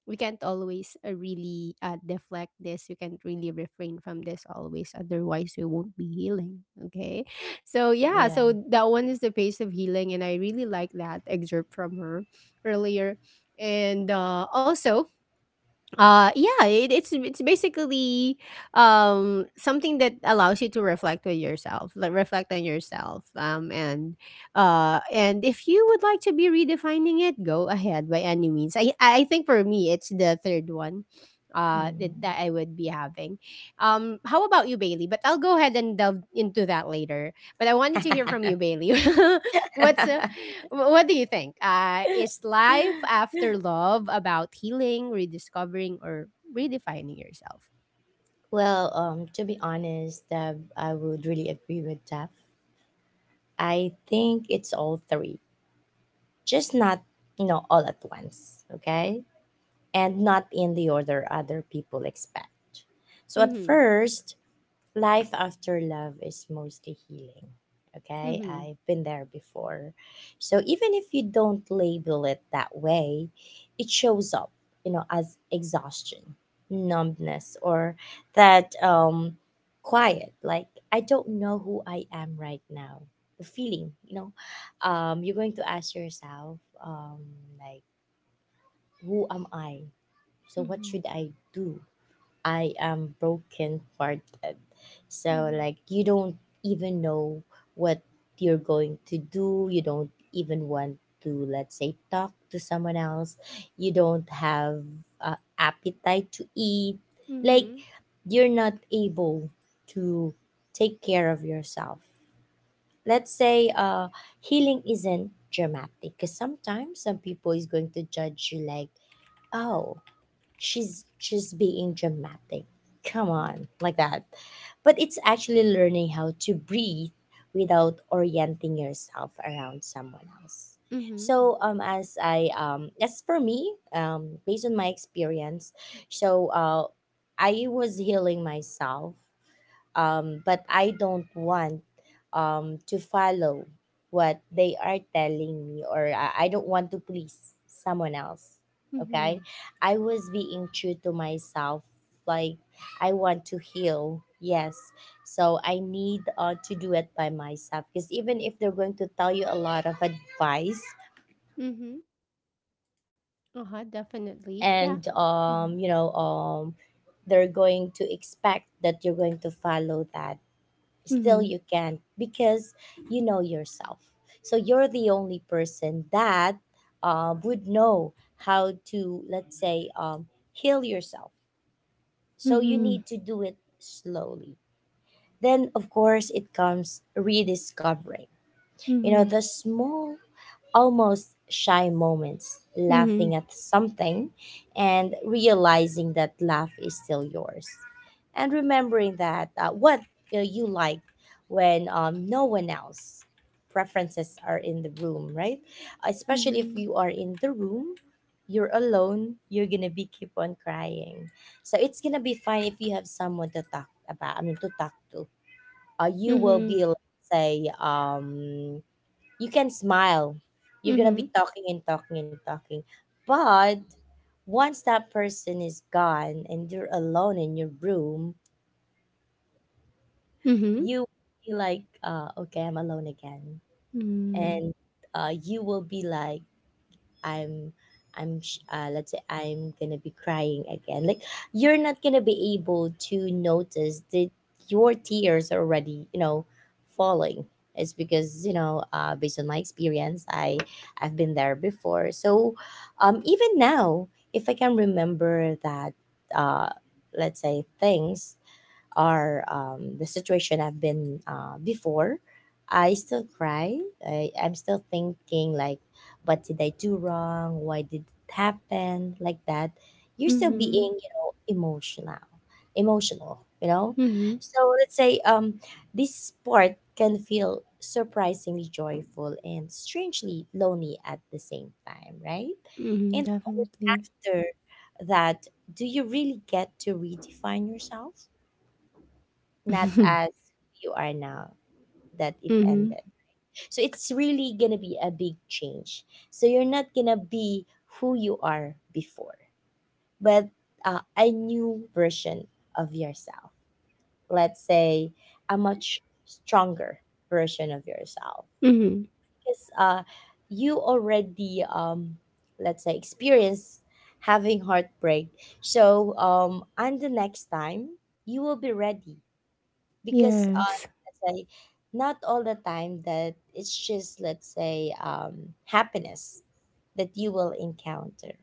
[SPEAKER 1] we can't always really deflect this. We can't really refrain from this always. Otherwise, we won't be healing. Okay, so, yeah,
[SPEAKER 2] Yeah.
[SPEAKER 1] so that one is the pace of healing, and I really like that excerpt from her earlier, and also, yeah, it's basically something that allows you to reflect with yourself, like, reflect on yourself. And if you would like to be redefining it, go ahead by any means. I think for me it's the third one uh that,
[SPEAKER 2] Mm.
[SPEAKER 1] that I would be having. How about you, Bailey? But I'll go ahead and delve into that later. But I wanted to hear from you, Bailey. what's uh, What do you think? Is life after love about healing, rediscovering, or redefining yourself?
[SPEAKER 2] Well, to be honest, Deb, I would really agree with Deb. I think it's all three, just not, all at once. Okay, and not in the order other people expect. So at
[SPEAKER 1] Mm-hmm.
[SPEAKER 2] first, life after love is mostly healing. Okay,
[SPEAKER 1] Mm-hmm.
[SPEAKER 2] I've been there before. So even if you don't label it that way, it shows up, as exhaustion, numbness, or that, quiet, like, I don't know who I am right now. The feeling, you're going to ask yourself, um, like, who am I? So what
[SPEAKER 1] Mm-hmm.
[SPEAKER 2] should I do? I am broken hearted. So,
[SPEAKER 1] Mm-hmm.
[SPEAKER 2] like, you don't even know what you're going to do. You don't even want to, let's say, talk to someone else. You don't have, appetite to eat. Like,
[SPEAKER 1] Mm-hmm.
[SPEAKER 2] you're not able to take care of yourself. Let's say, healing isn't dramatic, because sometimes some people is going to judge you, like, "Oh, she's just being dramatic. Come on," like that. But it's actually learning how to breathe without orienting yourself around someone else.
[SPEAKER 1] Mm-hmm.
[SPEAKER 2] So, as for me, based on my experience, so I was healing myself, but I don't want, to follow what they are telling me, or I don't want to please someone else. Okay, I was being true to myself, like I want to heal. Yes, so I need, to do it by myself, because even if they're going to tell you a lot of advice,
[SPEAKER 1] Mm-hmm. Uh-huh, definitely. Yeah.
[SPEAKER 2] and
[SPEAKER 1] Mm-hmm.
[SPEAKER 2] they're going to expect that you're going to follow that. Still
[SPEAKER 1] Mm-hmm.
[SPEAKER 2] you can't, because you know yourself. So you're the only person that, would know how to, let's say, heal yourself. So you
[SPEAKER 1] Mm-hmm.
[SPEAKER 2] need to do it slowly. Then, of course, it comes rediscovering.
[SPEAKER 1] Mm-hmm.
[SPEAKER 2] The small, almost shy moments,
[SPEAKER 1] Mm-hmm.
[SPEAKER 2] laughing at something and realizing that laugh is still yours. And remembering that, what, you like when, no one else preferences are in the room, right? Especially if
[SPEAKER 1] Mm-hmm.
[SPEAKER 2] you are in the room, you're alone, you're gonna be keep on crying. So it's gonna be fine if you have someone to talk about. I mean, to talk to. You will
[SPEAKER 1] Mm-hmm.
[SPEAKER 2] be, let's say, you can smile. You're gonna be
[SPEAKER 1] Mhm.
[SPEAKER 2] talking and talking and talking. But once that person is gone and you're alone in your room,
[SPEAKER 1] Mhm.
[SPEAKER 2] you feel like, okay, I'm alone again.
[SPEAKER 1] Mm.
[SPEAKER 2] And, you will be like, I'm let's say, I'm gonna be crying again. Like, you're not gonna be able to notice that your tears are already, falling. It's because, based on my experience, I've been there before. So, even now, if I can remember that, uh, let's say, things, or the situation I've been, before, I still cry. I'm still thinking, like, what did I do wrong? Why did it happen like that? You're still
[SPEAKER 1] Mhm.
[SPEAKER 2] being, emotional, emotional.
[SPEAKER 1] Mhm.
[SPEAKER 2] So let's say, this part can feel surprisingly joyful and strangely lonely at the same time, right? And
[SPEAKER 1] Mhm.
[SPEAKER 2] only
[SPEAKER 1] Definitely.
[SPEAKER 2] after that, do you really get to redefine yourself? Not as you are now that it
[SPEAKER 1] Mhm.
[SPEAKER 2] ended, right? So it's really gonna be a big change. So you're not gonna be who you are before, but a new version of yourself. Let's say a much stronger version of yourself,
[SPEAKER 1] Mhm.
[SPEAKER 2] because you already let's say experience having heartbreak. And the next time you will be ready because
[SPEAKER 1] Yes.
[SPEAKER 2] say not all the time that it's just let's say happiness that you will encounter,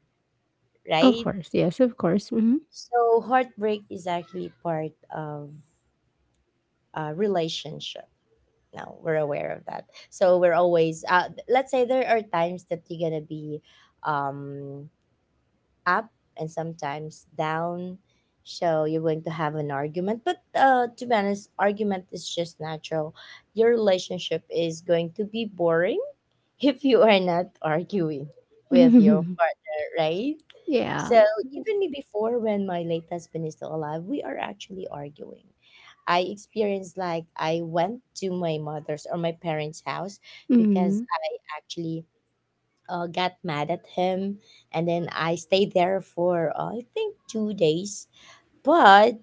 [SPEAKER 1] Of
[SPEAKER 2] right?
[SPEAKER 1] course. Yes. Of course. Mhm.
[SPEAKER 2] So heartbreak is actually part of a relationship. Now we're aware of that. So we're always let's say there are times that you're gonna be um, up and sometimes down. So you're going to have an argument, but to be honest, argument is just natural. Your relationship is going to be boring if you are not arguing with your
[SPEAKER 1] Mhm.
[SPEAKER 2] partner, right?
[SPEAKER 1] Yeah.
[SPEAKER 2] So even me before when my late husband is still alive, we are actually arguing. I experienced like I went to my mother's or my parents' house because
[SPEAKER 1] Mhm.
[SPEAKER 2] I actually got mad at him, and then I stayed there for I think 2 days, but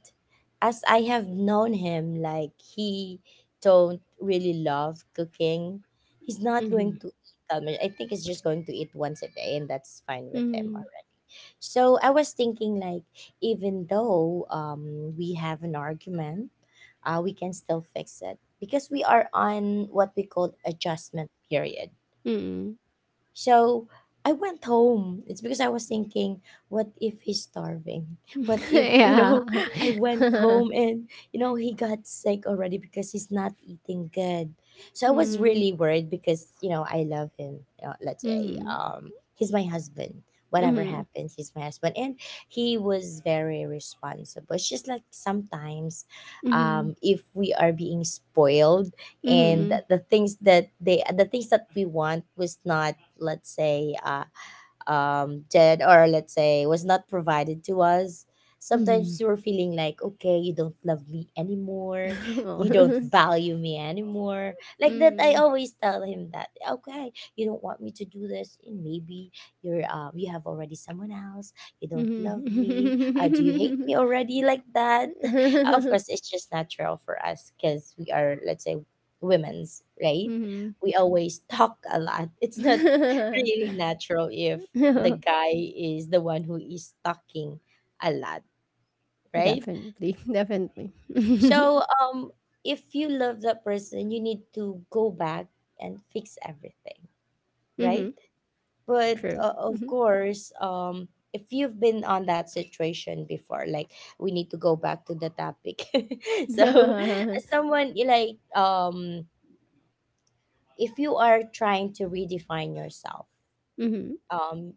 [SPEAKER 2] as I have known him, like he don't really love cooking. He's not
[SPEAKER 1] Mhm.
[SPEAKER 2] going to eat that much. I think he's just going to eat once a day, and that's fine with him
[SPEAKER 1] Mhm.
[SPEAKER 2] already. So I was thinking, like, even though we have an argument, we can still fix it because we are on what we call adjustment period.
[SPEAKER 1] Mhm.
[SPEAKER 2] So I went home. It's because I was thinking, what if he's starving? What if, you
[SPEAKER 1] Yeah.
[SPEAKER 2] know, I went home and, you know, he got sick already because he's not eating good. So I was
[SPEAKER 1] Mm-hmm.
[SPEAKER 2] really worried because, you know, I love him. Let's say he's my husband. Whatever
[SPEAKER 1] Mm-hmm.
[SPEAKER 2] happens, he's my husband. And he was very responsible. It's just like sometimes
[SPEAKER 1] Mm-hmm.
[SPEAKER 2] if we are being spoiled
[SPEAKER 1] Mm-hmm.
[SPEAKER 2] and the
[SPEAKER 1] Mm-hmm.
[SPEAKER 2] the things that they the things that we want was not let's say did or let's say was not provided to us, sometimes
[SPEAKER 1] Mm-hmm.
[SPEAKER 2] we're feeling like, okay, you don't love me anymore, you don't
[SPEAKER 1] Well.
[SPEAKER 2] value me anymore, like that. I
[SPEAKER 1] Mm.
[SPEAKER 2] always tell him that, okay, you don't want me to do this, and maybe you're you have already someone else, you don't love me, do you hate
[SPEAKER 1] Mhm.
[SPEAKER 2] me already, like that. Of course, it's just natural for us because we are, let's say, women's
[SPEAKER 1] Mhm. Mhm.
[SPEAKER 2] right,
[SPEAKER 1] Mhm. Mhm.
[SPEAKER 2] we always talk a lot. It's not
[SPEAKER 1] Oh.
[SPEAKER 2] really natural if
[SPEAKER 1] Mhm. Mhm.
[SPEAKER 2] the
[SPEAKER 1] Mhm.
[SPEAKER 2] guy is the one who is talking a lot, right?
[SPEAKER 1] Definitely, definitely.
[SPEAKER 2] So, if you love that person, you need to go back and fix everything, right?
[SPEAKER 1] Hmm.
[SPEAKER 2] But
[SPEAKER 1] True.
[SPEAKER 2] of
[SPEAKER 1] Hmm.
[SPEAKER 2] course, if you've been on that situation before, like, we need to go back to the topic. So,
[SPEAKER 1] Hmm.
[SPEAKER 2] as someone you like, if you are trying to redefine yourself, um,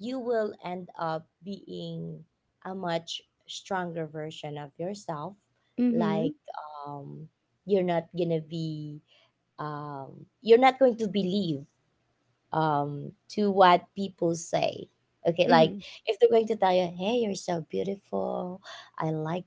[SPEAKER 2] you will end up being a much stronger version of yourself.
[SPEAKER 1] Hmm.
[SPEAKER 2] Like, um, you're not gonna be, um, you're not going to believe to what people say. Okay, like,
[SPEAKER 1] Hmm.
[SPEAKER 2] if they're going to tell you, "Hey, you're so beautiful. I like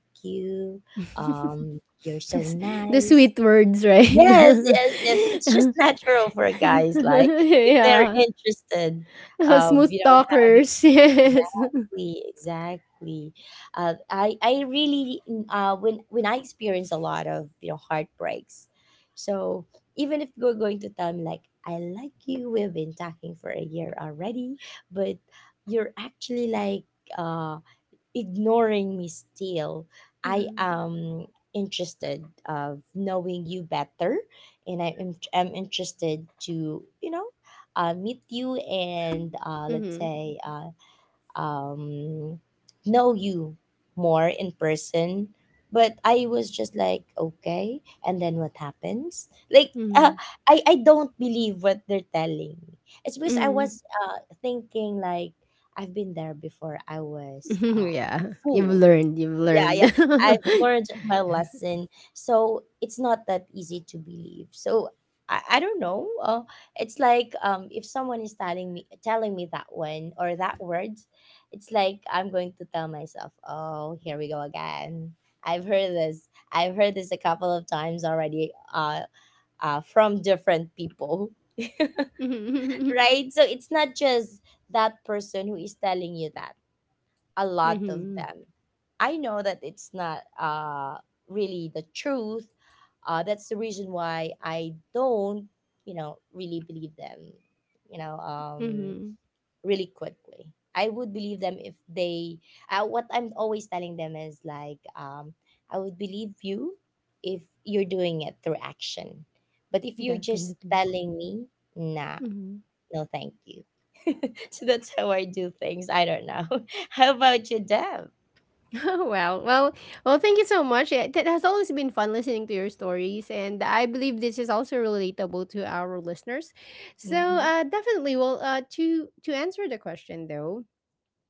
[SPEAKER 2] you. You're so
[SPEAKER 1] The
[SPEAKER 2] nice."
[SPEAKER 1] sweet words, right?
[SPEAKER 2] Yes, yes, yes. It's just natural for guys. Like, if they're
[SPEAKER 1] Yeah.
[SPEAKER 2] interested of,
[SPEAKER 1] Smooth
[SPEAKER 2] you know, having,
[SPEAKER 1] talkers, yes.
[SPEAKER 2] exactly, exactly. I really when I experience a lot of, you know, heartbreaks. So even if you're going to tell me like I like you, we've been talking for a year already, but you're actually like uh ignoring me still. I
[SPEAKER 1] Hmm.
[SPEAKER 2] am interested of knowing you better, and I am interested to, you know, meet you and uh, let's
[SPEAKER 1] Hmm.
[SPEAKER 2] say uh, um, know you more in person. But I was just like, okay. And then what happens? Like, uh,
[SPEAKER 1] Hmm.
[SPEAKER 2] I don't believe what they're telling me. It's because I
[SPEAKER 1] Hmm.
[SPEAKER 2] was thinking, like, I've been there before. I was
[SPEAKER 1] Yeah. You've
[SPEAKER 2] fooled.
[SPEAKER 1] learned, you've
[SPEAKER 2] Yeah, yeah,
[SPEAKER 1] learned.
[SPEAKER 2] I've learned my lesson, so it's not that easy to believe. So I don't know, it's like, if someone is telling me that one or that word, it's like I'm going to tell myself, oh, here we go again, I've heard this a couple of times already, from different people.
[SPEAKER 1] Hmm.
[SPEAKER 2] Right, so it's not just that person who is telling you that, a lot of
[SPEAKER 1] Hmm.
[SPEAKER 2] them. I know that it's not really the truth. That's the reason why I don't, you know, really believe them, you know,
[SPEAKER 1] Hmm.
[SPEAKER 2] really quickly. I would believe them if they, what I'm always telling them is like, I would believe you if you're doing it through action. But if you're just
[SPEAKER 1] Definitely.
[SPEAKER 2] telling me, nah,
[SPEAKER 1] Mm-hmm.
[SPEAKER 2] no, thank you. So that's how I do things. I don't know. How about you, Deb?
[SPEAKER 1] Oh, wow. Well, thank you so much. It has always been fun listening to your stories, and I believe this is also relatable to our listeners. So,
[SPEAKER 2] Mm-hmm.
[SPEAKER 1] definitely. Well, to answer the question though,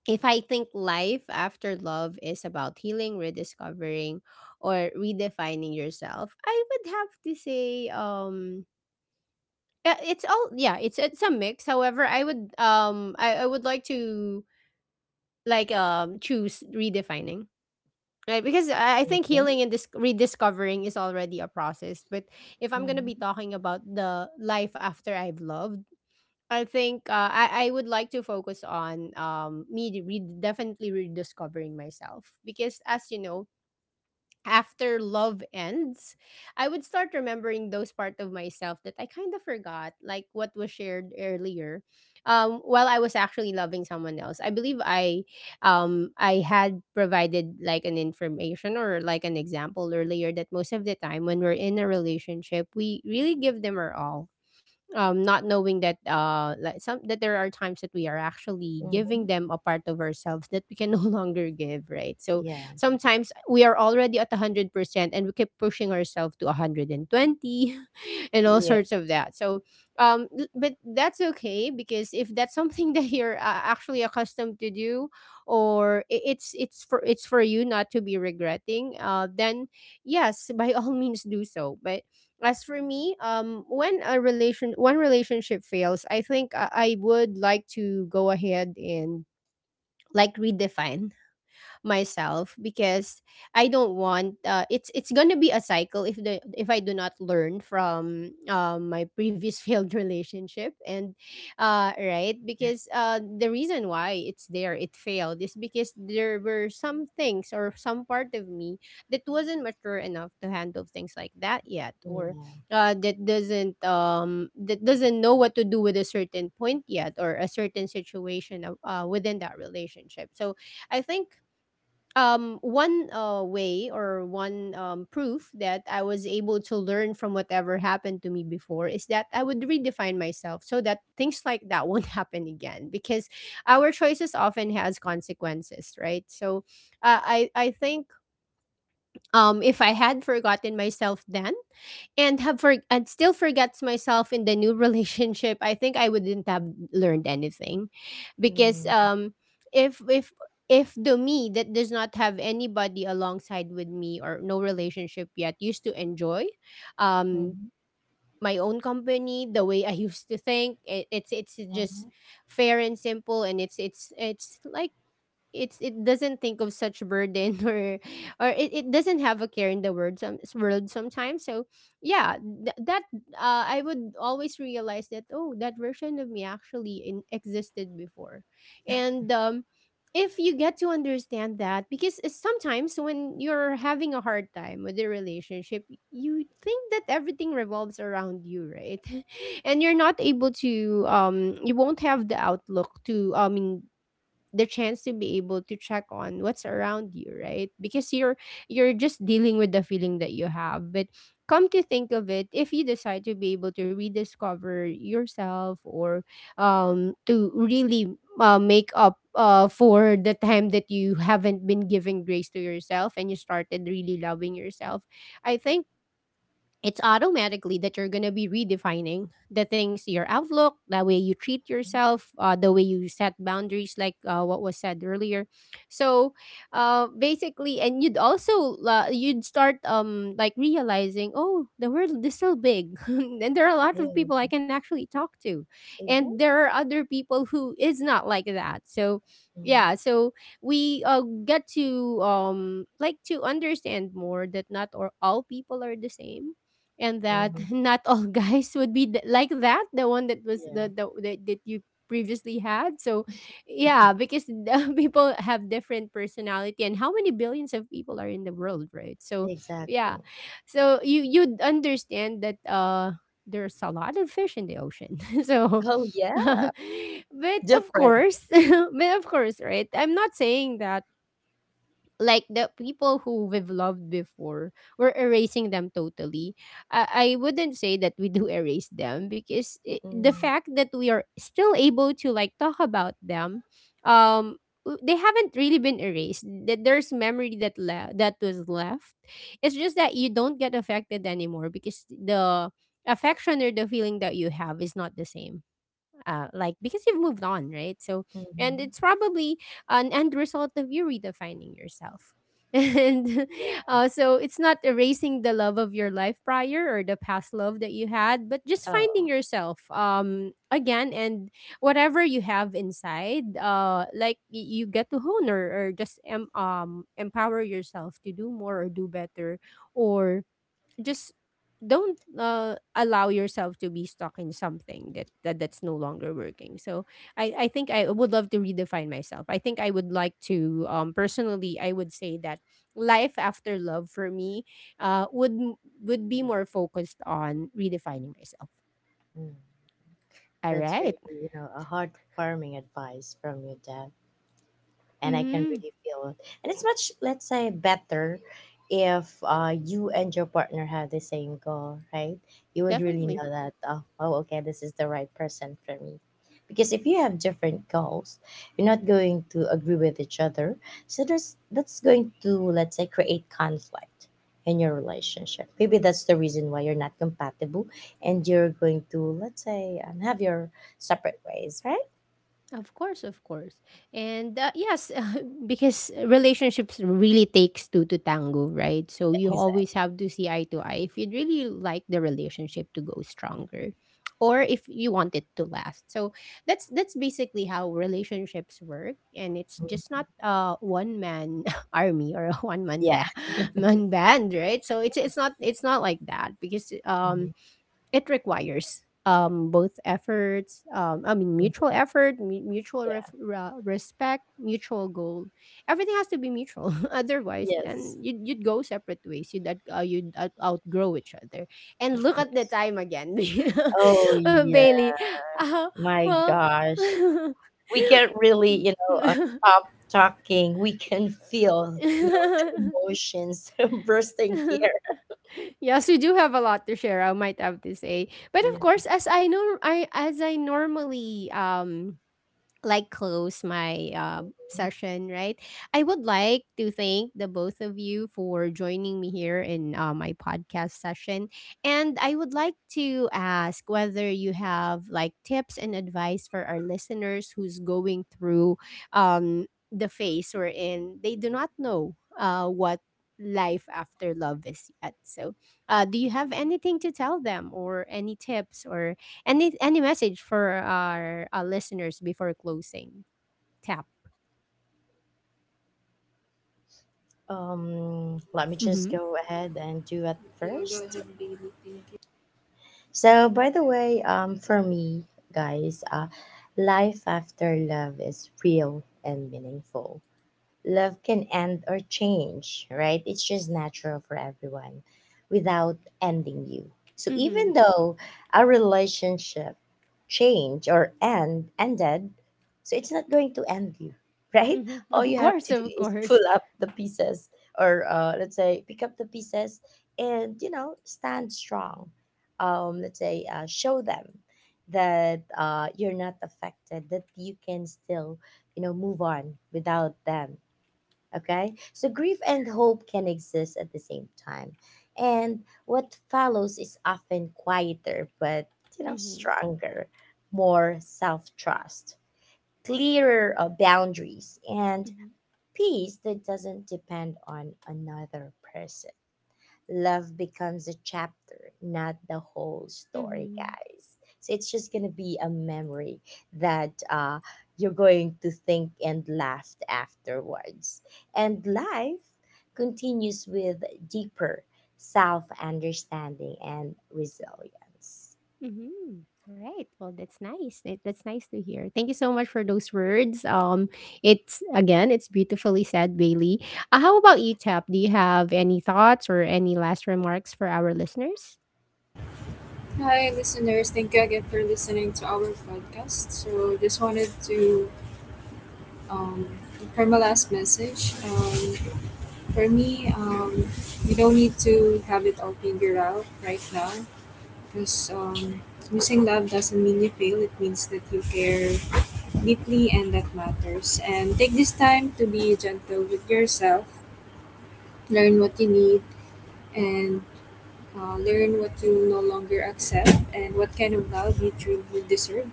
[SPEAKER 1] if I think life after love is about healing, rediscovering, or redefining yourself, I would have to say, yeah, it's all, yeah, it's a mix. However, I would like to, choose redefining. Right, because I think
[SPEAKER 2] Okay.
[SPEAKER 1] healing and rediscovering is already a process. But if I'm gonna be
[SPEAKER 2] Mm-hmm.
[SPEAKER 1] talking about the life after I've loved, I think, I would like to focus on me, definitely rediscovering myself, because as you know, after love ends, I would start remembering those part of myself that I kind of forgot, like what was shared earlier. While I was actually loving someone else, I believe I had provided like an information or like an example earlier, that most of the time when we're in a relationship, we really give them our all, not knowing that, like some that there are times that we are actually
[SPEAKER 2] Mm-hmm.
[SPEAKER 1] giving them a part of ourselves that we can no longer give, right? So
[SPEAKER 2] Yeah.
[SPEAKER 1] sometimes we are already at 100% and we keep pushing ourselves to 120 and all
[SPEAKER 2] Yeah.
[SPEAKER 1] sorts of that. So, but that's okay, because if that's something that you're, actually accustomed to do, or it's for you not to be regretting, then yes, by all means, do so. But as for me, when a relation one relationship fails, I think I would like to go ahead and, like, redefine myself, because I don't want, it's gonna be a cycle if I do not learn from, my previous failed relationship, and right, because the reason why it failed is because there were some things or some part of me that wasn't mature enough to handle things like that yet, or
[SPEAKER 2] Yeah.
[SPEAKER 1] that doesn't know what to do with a certain point yet, or a certain situation of, within that relationship. So I think, one, way, or one, proof that I was able to learn from whatever happened to me before is that I would redefine myself so that things like that won't happen again, because our choices often has consequences, right? So I think, if I had forgotten myself then, and still forgets myself in the new relationship, I think I wouldn't have learned anything, because,
[SPEAKER 2] Mm-hmm.
[SPEAKER 1] if if if the me that does not have anybody alongside with me or no relationship yet used to enjoy, um, my own company, the way I used to think, it's just
[SPEAKER 2] Mm-hmm.
[SPEAKER 1] fair and simple, and it's like it's it doesn't think of such burden or or it doesn't have a care in the world sometimes. So yeah, that, I would always realize that, oh, that version of me actually, existed before, and, if you get to understand that, because sometimes when you're having a hard time with a relationship, you think that everything revolves around you, right? And you're not able to, you won't have the outlook to, I mean, the chance to be able to check on what's around you, right? Because you're just dealing with the feeling that you have, but come to think of it, if you decide to be able to rediscover yourself, or to really, make up, for the time that you haven't been giving grace to yourself, and you started really loving yourself, I think it's automatically that you're going to be redefining the things, your outlook, the way you treat yourself, the way you set boundaries, like, what was said earlier. So, basically, and you'd also, you'd start, like, realizing, oh, the world is so big and there are a lot
[SPEAKER 2] Yeah.
[SPEAKER 1] of people I can actually talk to,
[SPEAKER 2] Exactly.
[SPEAKER 1] and there are other people who is not like that. So
[SPEAKER 2] Mm-hmm.
[SPEAKER 1] yeah, so we, get to, like, to understand more that not or all people are the same, and that
[SPEAKER 2] Mm-hmm.
[SPEAKER 1] not all guys would be, like that, the one that was
[SPEAKER 2] Yeah.
[SPEAKER 1] that you previously had. So yeah, because the people have different personality, and how many billions of people are in the world, right? So yeah,
[SPEAKER 2] Exactly.
[SPEAKER 1] so you'd understand that, there's a lot of fish in the ocean so
[SPEAKER 2] Oh yeah.
[SPEAKER 1] but of
[SPEAKER 2] Different.
[SPEAKER 1] course, but of course, right, I'm not saying that, like, the people who we've loved before, we're erasing them totally. I wouldn't say that we do erase them, because I the
[SPEAKER 2] Mm-hmm.
[SPEAKER 1] fact that we are still able to, like, talk about them, um they haven't really been erased. That there's memory that that was left. It's just that you don't get affected anymore, because the affection or the feeling that you have is not the same, like, because you've moved on, right? So, and
[SPEAKER 2] Mm-hmm.
[SPEAKER 1] it's probably an end result of you redefining yourself. And
[SPEAKER 2] Yeah.
[SPEAKER 1] so, it's not erasing the love of your life prior, or the past love that you had, but just finding
[SPEAKER 2] Oh.
[SPEAKER 1] yourself, again, and whatever you have inside, like, you get to hone, or just, empower yourself to do more or do better, or just don't, allow yourself to be stuck in something that that's no longer working. So I think I would love to redefine myself. I think I would like to, personally, I would say that life after love for me, would be more focused on redefining myself.
[SPEAKER 2] Mm.
[SPEAKER 1] All
[SPEAKER 2] That's really,
[SPEAKER 1] right.
[SPEAKER 2] you know, a heartwarming advice from your dad, and I can
[SPEAKER 1] Mm-hmm.
[SPEAKER 2] really feel it. And it's much, let's say, better if you and your partner have the same goal, right? You would really
[SPEAKER 1] Definitely.
[SPEAKER 2] know that, oh, oh, okay, this is the right person for me. Because if you have different goals, you're not going to agree with each other. So there's, that's going to, let's say, create conflict in your relationship. Maybe that's the reason why you're not compatible and you're going to, let's say, have your separate ways, right?
[SPEAKER 1] Of course, of course. And, yes, because relationships really takes two to tango, right? So you always
[SPEAKER 2] Exactly.
[SPEAKER 1] have to see eye to eye if you'd really like the relationship to go stronger, or if you want it to last. So that's basically how relationships work, and it's just not a one man army, or a one man
[SPEAKER 2] Yeah.
[SPEAKER 1] band, man band, right? So it's not like that, because
[SPEAKER 2] Mhm.
[SPEAKER 1] it requires, both efforts, I mean,
[SPEAKER 2] Mhm.
[SPEAKER 1] mutual effort, mutual, respect, mutual goal, everything has to be mutual otherwise
[SPEAKER 2] Yes.
[SPEAKER 1] then you'd go separate ways, you'd, outgrow each other, and look at the
[SPEAKER 2] Yes.
[SPEAKER 1] time again.
[SPEAKER 2] Oh yeah,
[SPEAKER 1] Bailey, uh,
[SPEAKER 2] my
[SPEAKER 1] well.
[SPEAKER 2] gosh. We can't really, you know, stop talking. We can feel, you know, the emotions bursting here.
[SPEAKER 1] Yes, we do have a lot to share, I might have to say. But of
[SPEAKER 2] Yeah.
[SPEAKER 1] course, as I know, I as I normally, like, close my, session, right? I would like to thank the both of you for joining me here in, my podcast session. And I would like to ask whether you have, like, tips and advice for our listeners who's going through, um, the phase we're in. They do not know, what life after love is yet. So, do you have anything to tell them, or any tips, or any message for our, listeners before closing? Tap.
[SPEAKER 2] Let me just
[SPEAKER 1] Mm-hmm.
[SPEAKER 2] go ahead and do it
[SPEAKER 3] Yeah, go
[SPEAKER 2] first.
[SPEAKER 3] ahead, Bailey. Thank you.
[SPEAKER 2] So, by the way, for me, guys, life after love is real and meaningful. Love can end or change, right? It's just natural for everyone without ending you. So
[SPEAKER 1] Mm-hmm.
[SPEAKER 2] even though our relationship change or end ended, so it's not going to end you, right?
[SPEAKER 1] Mm-hmm.
[SPEAKER 2] All
[SPEAKER 1] Of
[SPEAKER 2] you have
[SPEAKER 1] course,
[SPEAKER 2] to do
[SPEAKER 1] of
[SPEAKER 2] is pull
[SPEAKER 1] course.
[SPEAKER 2] up the pieces, or let's say, pick up the pieces and, you know, stand strong. Let's say, show them that you're not affected, that you can still, you know, move on without them. Okay? So grief and hope can exist at the same time. And what follows is often quieter, but, you know,
[SPEAKER 1] Mm-hmm.
[SPEAKER 2] stronger, more self trust, clearer boundaries, and
[SPEAKER 1] Mm-hmm.
[SPEAKER 2] peace that doesn't depend on another person. Love becomes a chapter, not the whole story,
[SPEAKER 1] Mm-hmm.
[SPEAKER 2] guys. So it's just gonna be a memory that you're going to think and laugh afterwards. And life continues with deeper self understanding and resilience.
[SPEAKER 1] Mm-hmm. All right. Well, that's nice. That's nice to hear. Thank you so much for those words. It's, again, it's beautifully said, Bailey. How about you, Tap? Do you have any thoughts or any last remarks for our listeners?
[SPEAKER 3] Hi, listeners. Thank you again for listening to our podcast. So, just wanted to, um, for my last message, for me, you don't need to have it all figured out right now because losing love doesn't mean you fail. It means that you care deeply, and that matters. And take this time to be gentle with yourself, learn what you need, and learn what you no longer accept and what kind of love you truly deserve,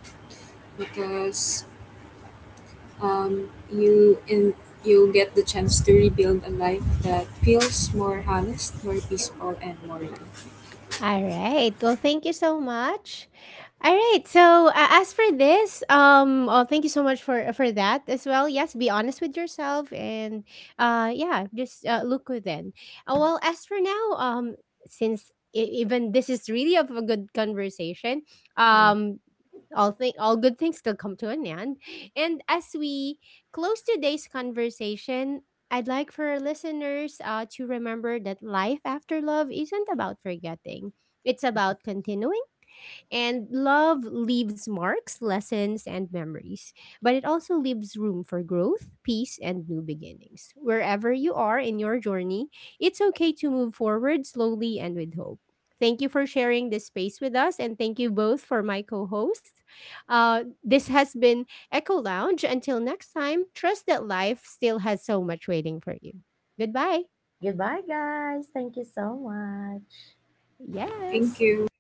[SPEAKER 3] because um, you in you get the chance to rebuild a life that feels more honest, more peaceful, and more loved.
[SPEAKER 1] All right. Well, thank you so much. All right. So, as for this, oh, thank you so much for that as well. Yes, be honest with yourself, and, yeah, just, look within. Well, as for now, since, even this is really of a good conversation,
[SPEAKER 2] Mm.
[SPEAKER 1] um, all good things still come to an end. And as we close today's conversation, I'd like for our listeners, to remember that life after love isn't about forgetting. It's about continuing, and love leaves marks, lessons, and memories, but it also leaves room for growth, peace, and new beginnings. Wherever you are in your journey, it's okay to move forward slowly and with hope. Thank you for sharing this space with us, and thank you both for my co host. This has been Echo Lounge. Until next time, trust that life still has so much waiting for you. Goodbye.
[SPEAKER 2] Goodbye, guys. Thank you so much.
[SPEAKER 3] Thank
[SPEAKER 1] Yes.
[SPEAKER 3] you.